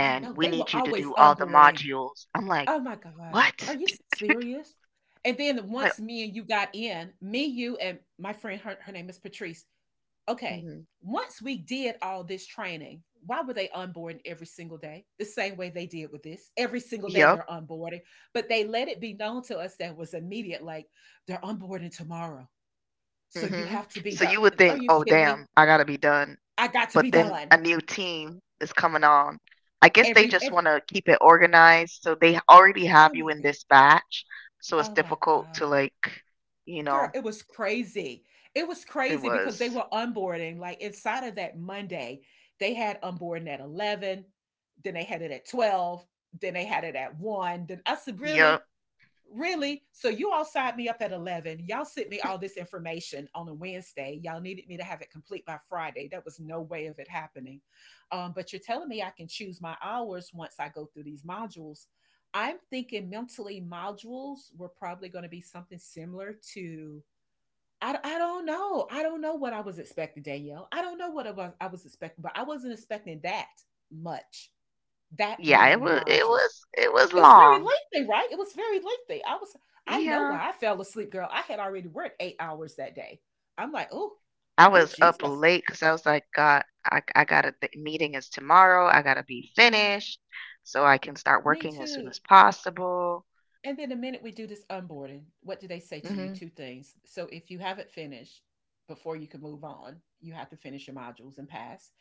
I know. we They were need you to always do all the onboarding. modules." I'm like, Oh my god. Are "What?" you serious? And then Like, once me and you got in, me, you, and my friend, her name is Patrice. Okay. hmm, Once we did all this training, why were they onboarding every single day? The same way they did with this. Every single day yep. they're onboarding, but they let it be known to us that was immediate, like they're onboarding tomorrow. So you Hmm. have to be So done. you would Are think, you "Oh, kidding me? damn, I gotta be done," I got to but be then done. a new team is coming on. I guess they Every, just every want to keep it organized, so they already have oh you my in good. this batch, so it's Oh my difficult to God. like, you Girl, know, it was crazy. It was it crazy because they was. were onboarding, like, inside of that Monday, they had onboarding at 11, then they had it at 12, then they had it at 1. Then I said, Yep. "Really? Really? So you all signed me up at 11. Y'all sent me all this information on a Wednesday. Y'all needed me to have it complete by Friday. That was no way of it happening. But you're telling me I can choose my hours once I go through these modules. I'm thinking mentally modules were probably going to be something similar to I don't know. I don't know what I was expecting, Danielle. I don't know I was expecting, but I wasn't expecting that much, that Yeah, it many was. It modules. was. It was It was very long. lengthy, right? It was very lengthy. I know Yeah. why I fell asleep, girl. I had already worked 8 hours that day. I'm like, oh, I oh, was up Jesus. late because I was like, "God, I gotta the meeting is tomorrow. I gotta be Yeah, finished so I can start me working as soon too. as possible." And then the minute we do this onboarding, what do they say to you? Mhm. Two things. So if you haven't finished before you can move on, you have to finish your modules and pass.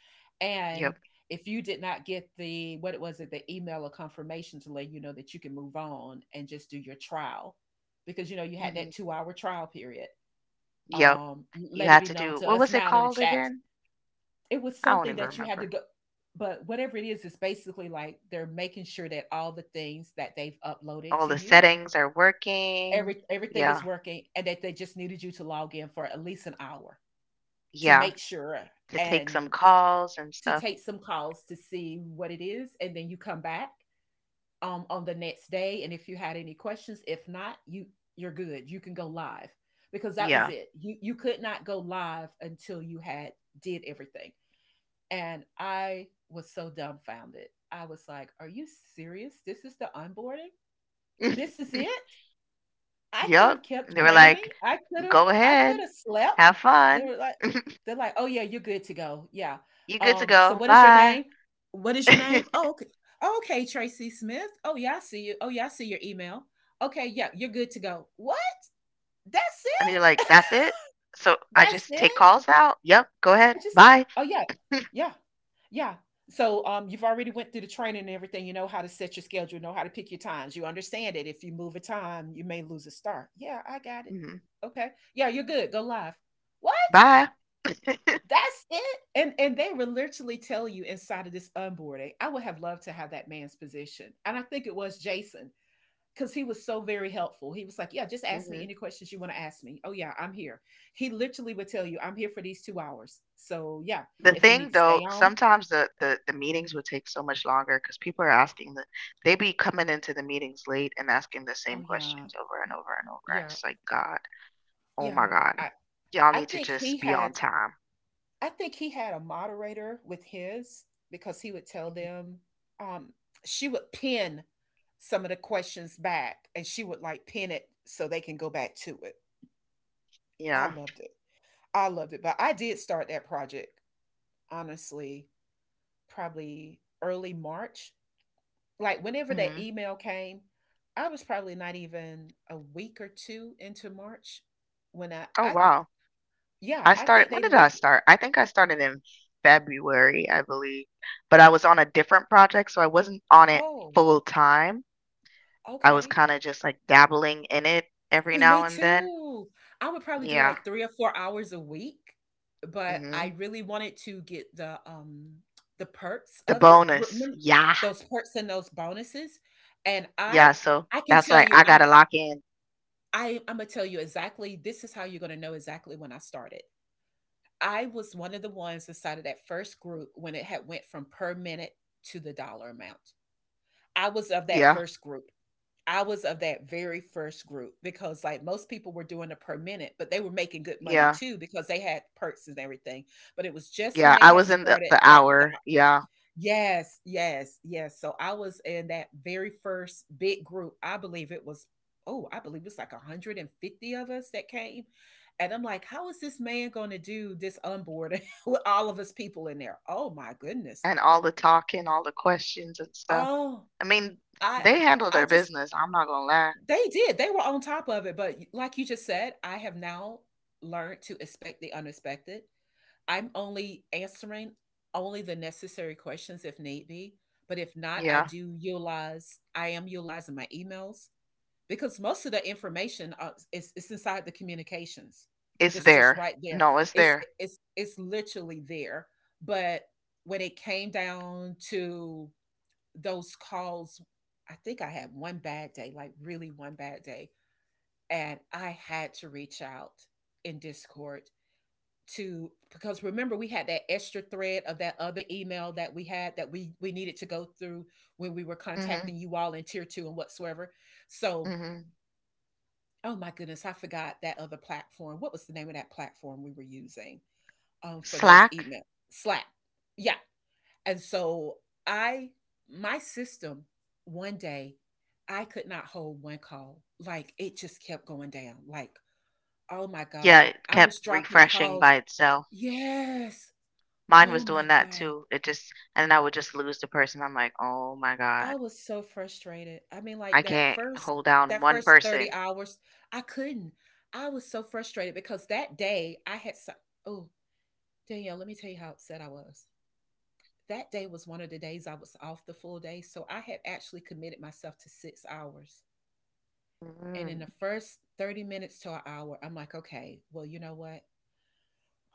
And Yep. if you did not get the what it was it the email or confirmation to let you know that you can move on and just do your trial, because you know you had that Mhm. 2 hour trial period. Yep. You Let it had be to known do to what us was it now in the called chat. again? It was I don't something even that you had to remember. go, but whatever it is, it's basically like they're making sure that all the things that they've uploaded All to the you, settings are working. Everything is Yeah. working and that they just needed you to log in for at least an hour to Yeah. make sure, To take some and calls and to stuff. take some calls to see what it is, and then you come back on the next day, and if you had any questions, if not, you're good, you can go live, because that was Yeah. it. You could not go live until you had did everything. And I was so dumbfounded. I was like, are you serious? This is the onboarding? This is it? I could have Yep. kept They were training. like, I could have "Go I could ahead. have slept. Have They fun. were like they're like, "Oh yeah, you're good to go." Yeah. You good to So go. what is your Bye." name? What is your name? Oh, okay. Oh, okay, Tracy Smith. Oh yeah, I see you. Oh yeah, I see your email. Okay, yeah, you're good to go. What? That's And you're like, it? "That's it? So I That's just take it? calls out? Yep, go I ahead. just Bye. oh yeah. Yeah. Yeah. So, you've already went through the training and everything. You know how to set your schedule, know how to pick your times. You understand it. If you move a time, you may lose a start. Yeah, I got it. Mhm. Okay. Yeah, you're good. Go live. What? Bye." That's it? And they will literally tell you inside of this onboarding. I would have loved to have that man's position. And I think it was Jason because he was so very helpful. He was like, yeah, just ask me Mhm. any questions you want to ask me. Oh, yeah, I'm here. He literally would tell you, I'm here for these 2 hours. So, yeah, The if you need thing to stay though, on, sometimes the meetings would take so much longer because people are asking they be coming into the meetings late and asking the same oh, yeah, questions over and over and over. It's yeah, just like, "God. Oh my yeah. God. I, Y'all I need to think he just be on had. time." I think he had a moderator with his, because he would tell Mhm. them, um, she would pin some of the questions back, and she would like pin it so they can go back to it. I Yeah. loved it. I loved it. But I did start that project, honestly, probably early March. Like whenever that Mhm. email came, I was probably not even a week or two into March when I Oh, I wow. yeah, I I think started When they did I listen. start? I think I started in February, I believe. But I was on a different project, so I wasn't on it Oh, full time. I was okay. kind of just like dabbling in it every See, now me and then. too. I would probably do Yeah. like 3 or 4 hours a week, but Hmm. I really wanted to get the perks The of it. bonus. Remember Yeah. those perks and those bonuses? And I Yeah. So I can that's tell like, you I got I to lock in. I I'm gonna tell you exactly, this is how you're gonna know exactly when I started. I was one of the ones inside of that first group when it had went from per minute to the dollar amount. I was of that Yeah. first group. I was of that very first group, because like most people were doing it per minute, but they were making good money Yeah. too because they had perks and everything. But it was just when Yeah. they I had was in the, started the that do- hour. Yeah. yes, yes, yes. So I was in that very first big group. I believe it was, oh, I believe it's like 150 of us that came. And I'm like, how is this man going to do this onboarding with all of us people in there? Oh my goodness. And all the talking, all the questions and stuff. Oh, I mean, I they handle I their just business. I'm not going to lie. they did. They were on top of it, but y- like you just said, I have now learned to expect the unexpected. I'm only answering Only the necessary questions if need be, but if not, I Yeah. do utilize I am utilizing my emails because most of the information is it's inside the communications. It's That's just there. right there. No, it's It's there. it's it's literally there. But when it came down to those calls, I think I had one bad day, like really one bad day, and I had to reach out in Discord to, because remember we had that extra thread of that other email that we had that we needed to go through when we were Hmm. contacting you all in tier two and whatsoever. So, Mhm. oh my goodness, I forgot that other platform. What was the name of that platform we were using, for those Slack? email? Slack, yeah. And so I, my system, one day, I could not hold one call. Like, it just kept going down. Like, oh my Yeah, god, it I was kept dropping refreshing calls. by itself. Yes. Mine Oh was my doing that god. too. It just and I would just lose the person. I'm like, "Oh my I god. was so frustrated. I mean, I like can't hold down that one first 30 person." hours, I couldn't. I was so frustrated because that day I had some, oh, Danielle, let me tell you how upset I was. That day was one of the days I was off the full day. So I had actually committed myself to 6 hours. And in Mhm. the first 30 minutes to an hour, I'm like, okay, well, you know what?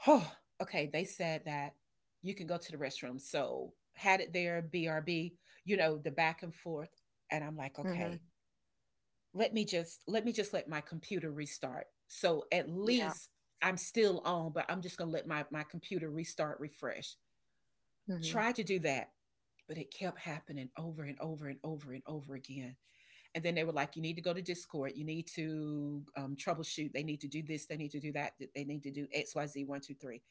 Oh, okay. They said that you can go to the restroom. So had it there, BRB, you know, the back and forth. And I'm like, Mhm. okay, let me just let my computer restart. So at Yeah. least I'm still on, but I'm just gonna let my computer restart, refresh. Mhm. Tried to do that, but it kept happening over and over and over and over again. And then they were like, you need to go to Discord, you need to troubleshoot, they need to do this, they need to do that, they need to do XYZ one, two, three.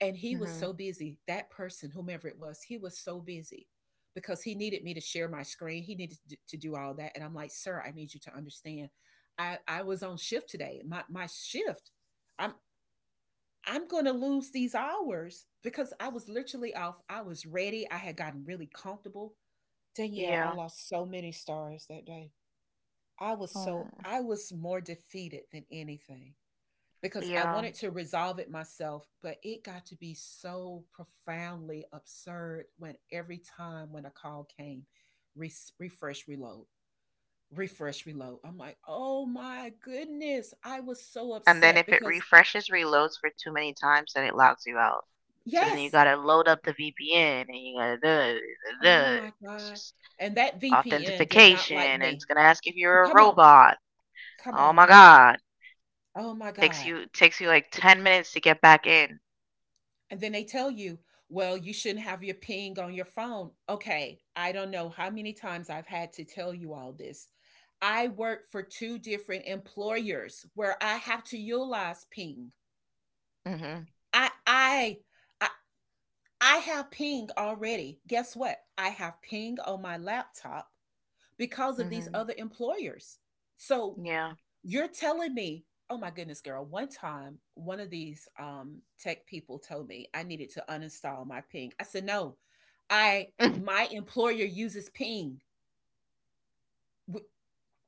And he was Mhm. so busy, that person, whomever it was, he was so busy because he needed me to share my screen. He needed to do all that. And I'm like, sir, I need you to understand. I was on shift today. My shift, I'm I'm gonna lose these hours because I was literally off. I was ready. I had gotten really comfortable. Danielle, I Yeah. lost so many stars that day. Oh, I was more defeated than anything because I yeah. wanted to resolve it myself, but it got to be so profoundly absurd when every time when a call came, re- refresh, reload, refresh, reload. I'm like, oh my goodness. I was so And then upset if it because, refreshes, reloads for too many times, then it logs you out. So then you yes, gotta load up the VPN and you gotta duh, oh duh, my it's God. just And that VPN did not authentication like and it's me. gonna ask if you're a Come on, robot. come Oh my on. god. Oh my Takes God. you takes you like 10 minutes to get back in. And then they tell you, well, you shouldn't have your ping on your phone. Okay, I don't know how many times I've had to tell you all this. I work for two different employers where I have to utilize ping. Mhm. I I I, I have ping already. Guess what? I have ping on my laptop because of these Mhm. other employers. So Yeah. you're telling me, oh my goodness, girl. One time, one of these tech people told me I needed to uninstall my ping. I said, no, I my employer uses ping. W-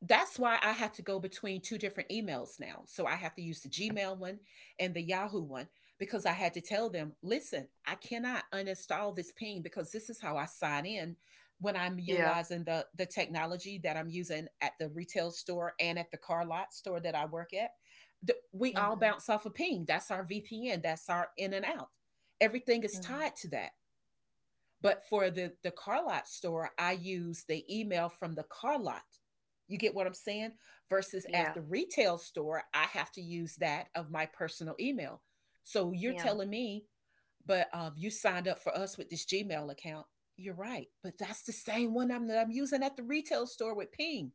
that's why I have to go between two different emails now. So I have to use the Gmail one and the Yahoo one because I had to tell them, listen, I cannot uninstall this ping because this is how I sign in when I'm Yeah. utilizing the technology that I'm using at the retail store and at the car lot store that I work at. We all Mhm. bounce off a ping. That's our VPN. That's our in and out. Everything is Mhm. tied to that. But for the car lot store, I use the email from the car lot. You get what I'm saying? Versus at Yeah. the retail store, I have to use that of my personal email. So you're Yeah. telling me, but you signed up for us with this Gmail account. You're right, but that's the same one that I'm using at the retail store with Ping,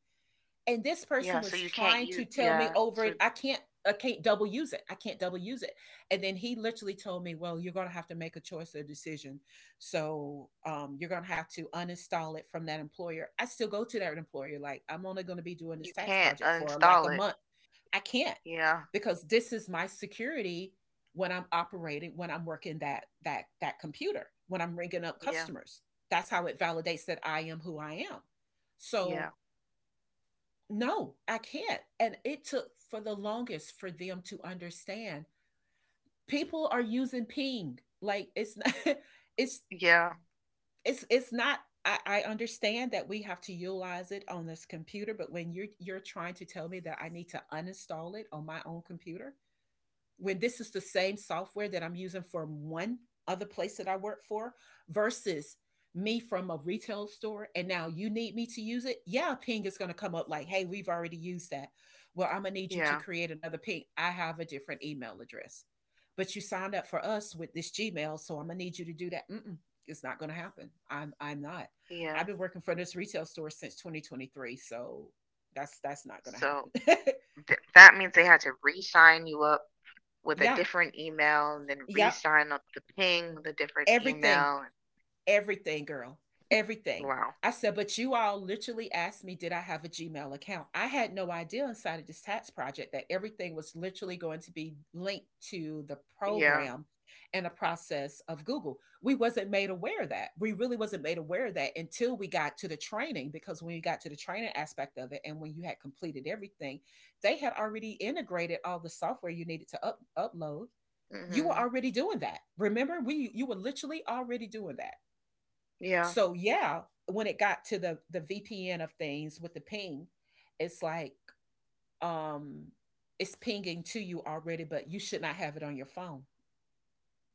and this Yeah, person so was you can't trying you to tell me yeah, over so it, I can't double use it. I can't double use it. And then he literally told me, well, you're going to have to make a choice or a decision. So you're going to have to uninstall it from that employer. I still go to that employer, like, I'm only going to be doing this you tax can't project for like a uninstall it. month. I can't, Yeah. because this is my security when I'm operating, when I'm working that that computer, when I'm ringing up Yeah. customers. That's how it validates that I am who I am. So Yeah. no, I can't. And it took for the longest for them to understand. People are using ping. Like, it's not it's Yeah. it's not. I, I understand that we have to utilize it on this computer, but when you're trying to tell me that I need to uninstall it on my own computer, when this is the same software that I'm using from one other place that I work for, versus me from a retail store, and now you need me to use it, yeah, a ping is going to come up like, hey, we've already used that. Well, I'm going to need you to Yeah. create another ping. I have a different email address, but you signed up for us with this Gmail, so I'm going to need you to do that. Mm-mm, it's not going to happen. I'm not. I've Yeah. been working for this retail store since 2023, so that's not going to So happen. th that means they had to re-sign you up with a Yeah, yep, different email and then yeah, re-sign up the ping with a different everything. email. Everything, girl. Everything. Wow. I said, but you all literally asked me, did I have a Gmail account? I had no idea inside of this tax project that everything was literally going to be linked to the Yeah. program and the process of Google. We wasn't made aware of that. We really wasn't made aware of that until we got to the training, because when you got to the training aspect of it and when you had completed everything, they had already integrated all the software you needed to upload. You were Mhm. already doing that. Remember, we you were literally already doing that. Yeah. So yeah, when it got to the VPN of things with the ping, it's like, um it's pinging to you already, but you should not have it on your phone.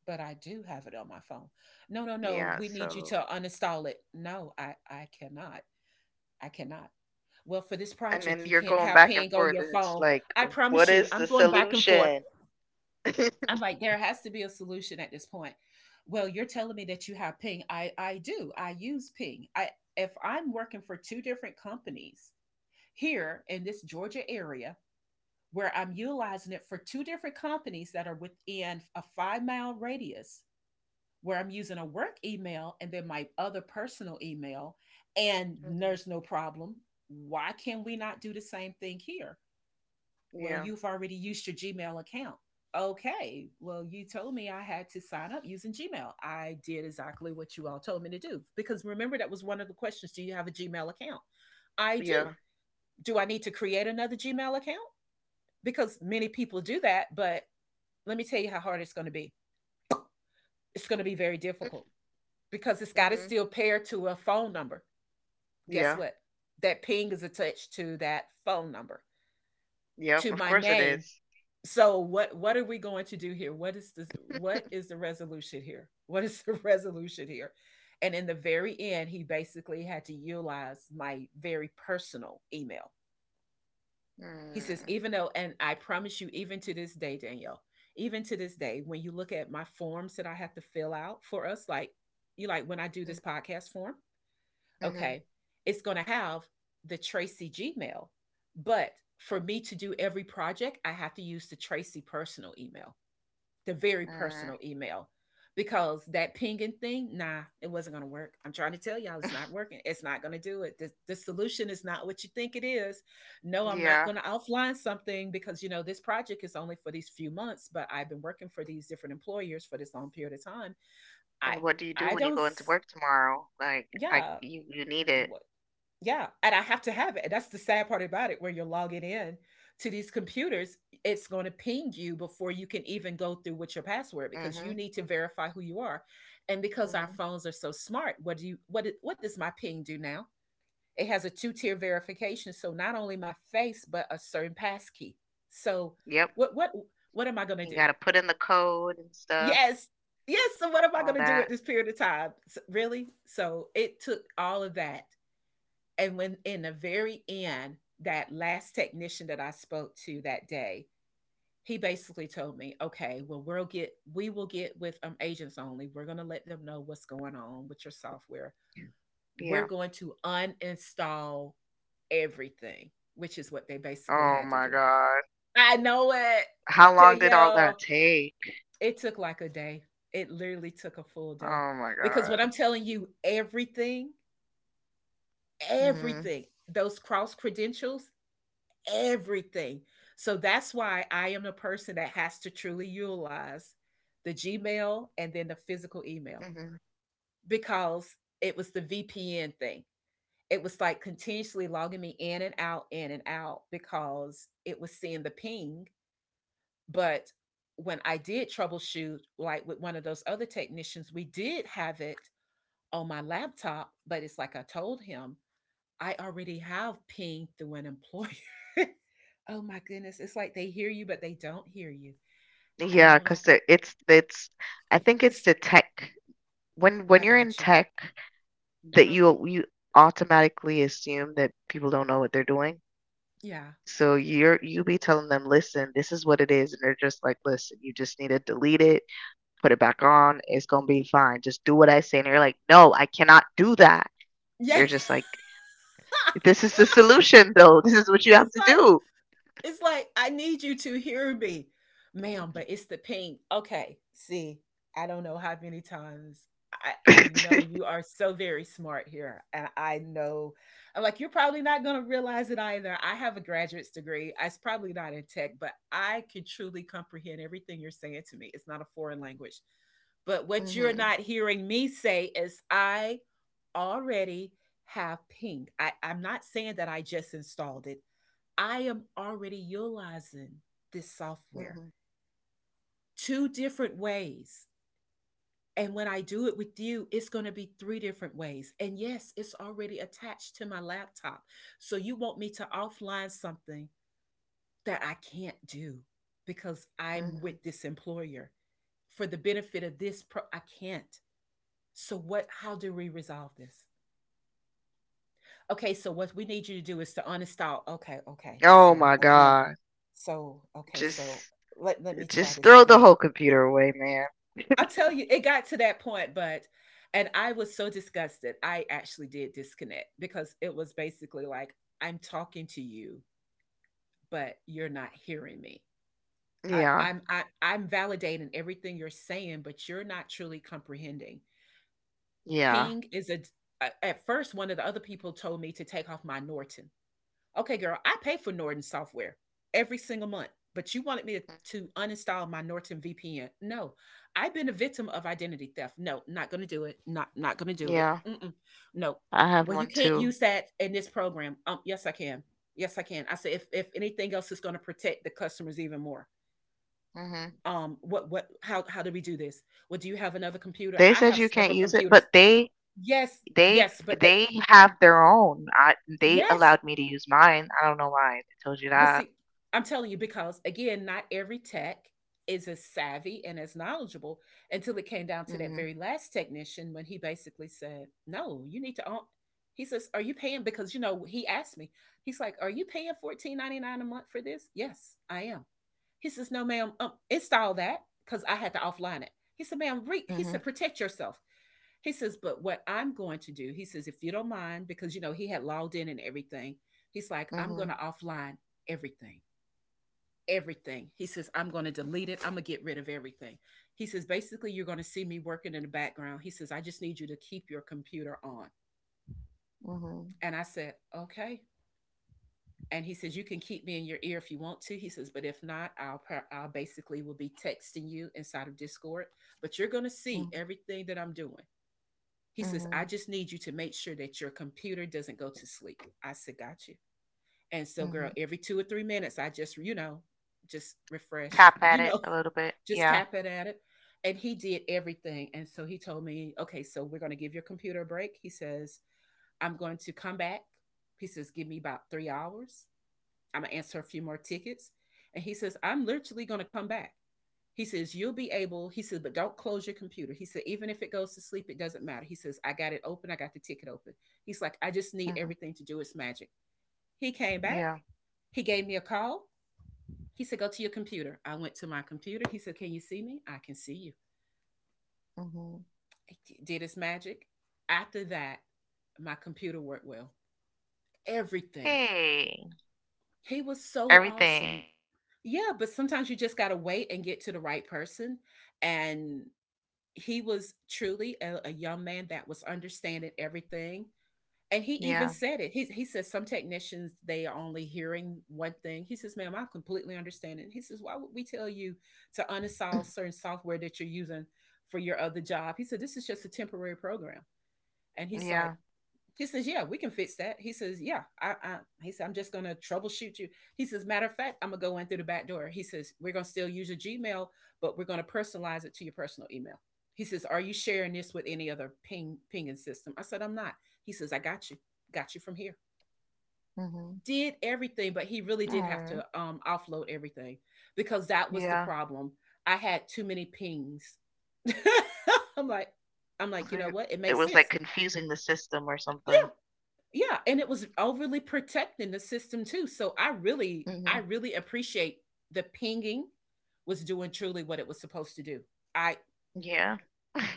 But I do have it on my phone. No, no, no. Yeah. We need you So to uninstall it. No, I cannot. I cannot. Well, for this and then project, you you're can't going have back and ping on forth, your and it's phone. like, I what promise you, is I'm the going back and forth. solution? I'm like, there has to be a solution at this point. Well, you're telling me that you have Ping. I do. I use Ping. I, if I'm working for two different companies here in this Georgia area where I'm utilizing it for two different companies that are within a 5-mile radius, where I'm using a work email and then my other personal email, and Mhm. there's no problem, why can we not do the same thing here? Well, Yeah, you've already used your Gmail account. Okay, well, you told me I had to sign up using Gmail. I did exactly what you all told me to do. Because remember, that was one of the questions: do you have a Gmail account? I do. yeah, Do I need to create another Gmail account? Because many people do that, but let me tell you how hard it's going to be. It's going to be very difficult because it's got to hmm, still pair to a phone number. Guess yeah, what? That ping is attached to that phone number, yep. to Of my course it is. name, so what are we going to do here? What is this? What is the resolution here? What is the resolution here? And in the very end, he basically had to utilize my very personal email. He says, Mm, even though, and I promise you, even to this day, Danielle, even to this day, when you look at my forms that I have to fill out for us, like, you, like, when I do this podcast form, mm-hmm, okay, it's going to have the Tracy Gmail, but for me to do every project, I have to use the Tracy personal email, the very mm, personal email, because that pinging thing, nah, it wasn't going to work. I'm trying to tell y'all, it's not working. It's not going to do it. The solution is not what you think it is. No, I'm not yeah. going to offline something because, you know, this project is only for these few months, but I've been working for these different employers for this long period of time. I, And what do you do I when you don't, go into s- work tomorrow? Like, I Yeah. you you need it. Yeah, and I have to have it. And that's the sad part about it, where you're logging in to these computers, it's going to ping you before you can even go through with your password, because you Hmm. need to verify who you are. And because our Hmm. phones are so smart, what do you, what does my ping do now? It has a two-tier verification, so not only my face but a certain passkey. So Yep. what what am I going to You do? gotta put in the code and stuff, Yes. Yes, so what am I all going to do at that. this period of time? Really? So it took all of that. And when in the very end, that last technician that I spoke to that day, he basically told me, "Okay, well, we will get with agents only. We're going to let them know what's going on with your software. We're Yeah. going to uninstall everything," which is what they basically Oh had to my do. God. I know it, How long did all that Danielle. take? It took like a day. It literally took a full day Oh my because God. what I'm telling you, everything, Hmm. everything, those cross credentials, everything. So that's why I am the person that has to truly utilize the Gmail and then the physical email, Hmm. because it was the VPN thing. It was like continuously logging me in and out, in and out, because it was seeing the ping. But when I did troubleshoot, like with one of those other technicians, we did have it on my laptop, but it's like I told him, I already have pinged through an employer. Oh my goodness. It's like they hear you, but they don't hear you. And Yeah, I'm cause like, it's I think it's "S- the tech when I you're in got you. tech Uh that huh. you automatically assume that people don't know what they're doing. Yeah. So you be telling them, "Listen, this is what it is." And they're just like, "Listen, you just need to delete it, put it back on. It's gonna be fine. Just do what I say." And you're like, "No, I cannot do that." Yeah. They're it's just like, "This is the solution though. This is what you have to like, do." it's like, I need you to hear me. Ma'am, but it's the pink. Okay. See, I don't know how many times I know you are so very smart here. And I know, I'm like, you're probably not going to realize it either. I have a graduate's degree. It's probably not in tech, but I can truly comprehend everything you're saying to me. It's not a foreign language. But what you're Mhm. not hearing me say is, I already have pink. I'm not saying that I just installed it. I am already utilizing this software Mhm. two different ways. And when I do it with you, it's going to be three different ways. And yes, it's already attached to my laptop. So you want me to offline something that I can't do because I'm Mhm. with this employer for the benefit of this I can't. So what, how do we resolve this? Okay, so what we need you to do is to uninstall. Okay, okay. Oh So my again, God. so okay, so Just let me try Just this throw the again. whole computer away, man. I'll tell you, it got to that point, but and I was so disgusted. I actually did disconnect because it was basically like, I'm talking to you, but you're not hearing me. I, Yeah, I'm I, I'm validating everything you're saying, but you're not truly comprehending. yeah, Ping is a. a- At first, one of the other people told me to take off my Norton. Okay, girl, I pay for Norton software every single month, but you wanted me to, mm, to uninstall my Norton VPN. No, I've been a victim of identity theft. No, not gonna do it. Not gonna do it. yeah. Mm-mm. No. I have Well, you one can't too. use that in this program. Yes, I can. Yes, I can. I said if anything else is gonna protect the customers even more. Hmm. What how do we do this? Well, do you have another computer? They I said have you can't several use it, computers. but Yes, they yes, but they they have their own. I they yes, allowed me to use mine. I don't know why they told you but that. see, I'm telling you because again, not every tech is as savvy and as knowledgeable until it came down to that Hmm. very last technician when he basically said, "No, you need to own." He says, "Are you paying?" Because you know he asked me. He's like, "Are you paying 14.99 a month for this?" Yes, I am. He says, "No, ma'am. It's that because I had to offline it." He said, "Ma'am, re-, he said, Hmm. protect yourself." He says, "But what I'm going to do," he says, "if you don't mind, because you know he had logged in and everything." He's like, "I'm going Hmm. to offline everything, everything." He says, "I'm going to delete it. I'm going to get rid of everything." He says, "Basically, you're going to see me working in the background." He says, "I just need you to keep your computer on." Hmm. And I said, "Okay." And he says, you can keep me in your ear if you want to, he says, but if not, I'll basically will be texting you inside of Discord, but you're going to see Hmm. everything that I'm doing. He says, I Hmm. just need you to make sure that your computer doesn't go to sleep. I said, got you. And so girl, Hmm. every 2 or 3 minutes, I just, you know just refresh Tap you at it know a little bit. Just Yeah. tap it at it. And he did everything, and so he told me, okay, so we're going to give your computer a break. He says, I'm going to come back. He says, give me about 3 hours. I'm gonna answer a few more tickets. And he says, I'm literally gonna come back. He says, you'll be able, he said, but don't close your computer. He said, even if it goes to sleep, it doesn't matter. He says, I got it open. I got the ticket open. He's like, I just need Hmm. everything to do its magic. He came back. Yeah. He gave me a call. He said, go to your computer. I went to my computer. He said, can you see me? I can see you. Hmm. It did its magic. After that, my computer worked well. Everything. Hey, He was so everything. awesome. Yeah, but sometimes you just gotta wait and get to the right person, and he was truly a young man that was understanding everything, and he even Yeah. said it. He says some technicians, they are only hearing one thing. He says, "Ma'am, I completely understand it." And he says, "Why would we tell you to uninstall certain software that you're using for your other job?" He said, "This is just a temporary program." And he's like, Yeah. he says, "Yeah, we can fix that." He says, "Yeah, I." He said, "I'm just gonna troubleshoot you." He says, "Matter of fact, I'm gonna go in through the back door." He says, "We're gonna still use your Gmail, but we're gonna personalize it to your personal email." He says, "Are you sharing this with any other pinging system?" I said, "I'm not." He says, "I got you from here." Hmm. Did everything, but he really did have Oh. to offload everything because that was the Yeah. problem. I had too many pings. I'm like, I'm like, you know So what? It it makes was, like, sense. confusing the system or something. Yeah. Yeah, and it was overly protecting the system too. So I Mhm. really appreciate the pinging was doing truly what it was supposed to do. I Yeah.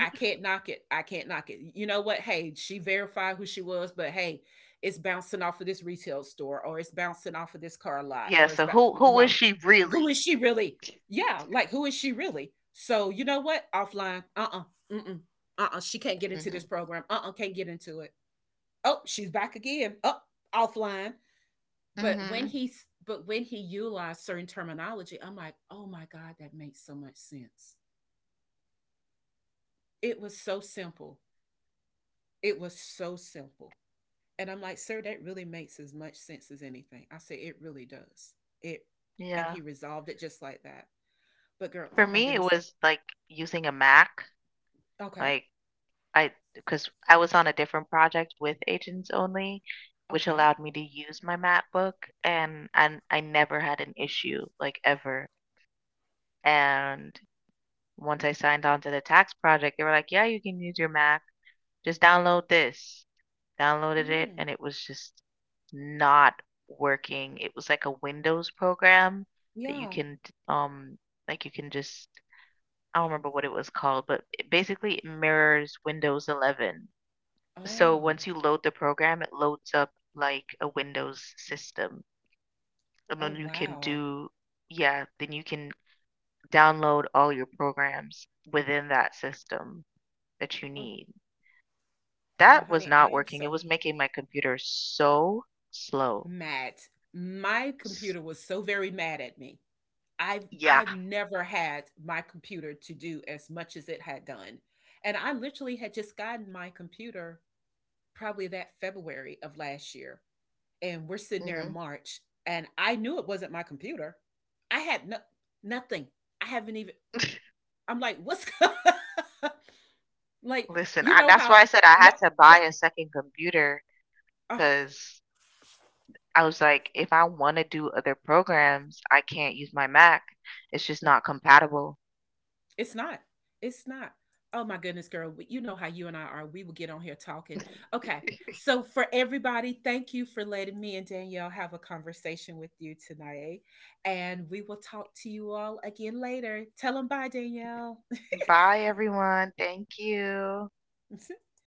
I can't knock it. I can't knock it. You know what? Hey, she verified who she was, but hey, it's bouncing off of this retail store, or it's bouncing off of this car lot, Yeah, or it's so who is no. she Who really? is she really? Yeah, like who is she really? So you know what? Offline. Uh-uh. She can't get into this Mhm. program. Can't get into it. Oh, she's back again. Oh, offline. But when Mhm. he's but when he utilized certain terminology, I'm like, oh my God, that makes so much sense. It was so simple. It was so simple. And I'm like, sir, that really makes as much sense as anything. I say it really does. It And Yeah. he resolved it just like that. But girl, For oh my me, it goodness. was, like, using a Mac, Okay. like, because I was on a different project with Agents Only, which Okay. allowed me to use my MacBook, and I never had an issue, like, ever, and once I signed on to the tax project, they were like, "Yeah, you can use your Mac. Just download this." Downloaded it Mm, and it was just not working. It was like a Windows program that you yeah. can um like you can just I don't remember what it was called, but it basically it mirrors Windows 11. So once Oh. you load the program, it loads up like a Windows system. And Oh then you can wow. do, yeah, then you can download all your programs within that system that you Oh need. well, That was honey, I not am working. It so was making my computer so slow. mad. My S- computer was so very mad at me. I've Yeah. I've never had my computer to do as much as it had done, and I literally had just gotten my computer probably that February of last year, and we're sitting there in Hmm. March, and I knew it wasn't my computer. I had no nothing. I haven't even, I'm like, "What's" like, Listen, you know that's how why I said I had what to buy what a second computer oh, because I was like, if I want to do other programs, I can't use my Mac. It's just yeah. not compatible. It's not. It's not. Oh my goodness, girl. You know how you and I are. We will get on here talking. Okay. So, for everybody, thank you for letting me and Danielle have a conversation with you tonight. And we will talk to you all again later. Tell them bye, Danielle. Bye, everyone. Thank you.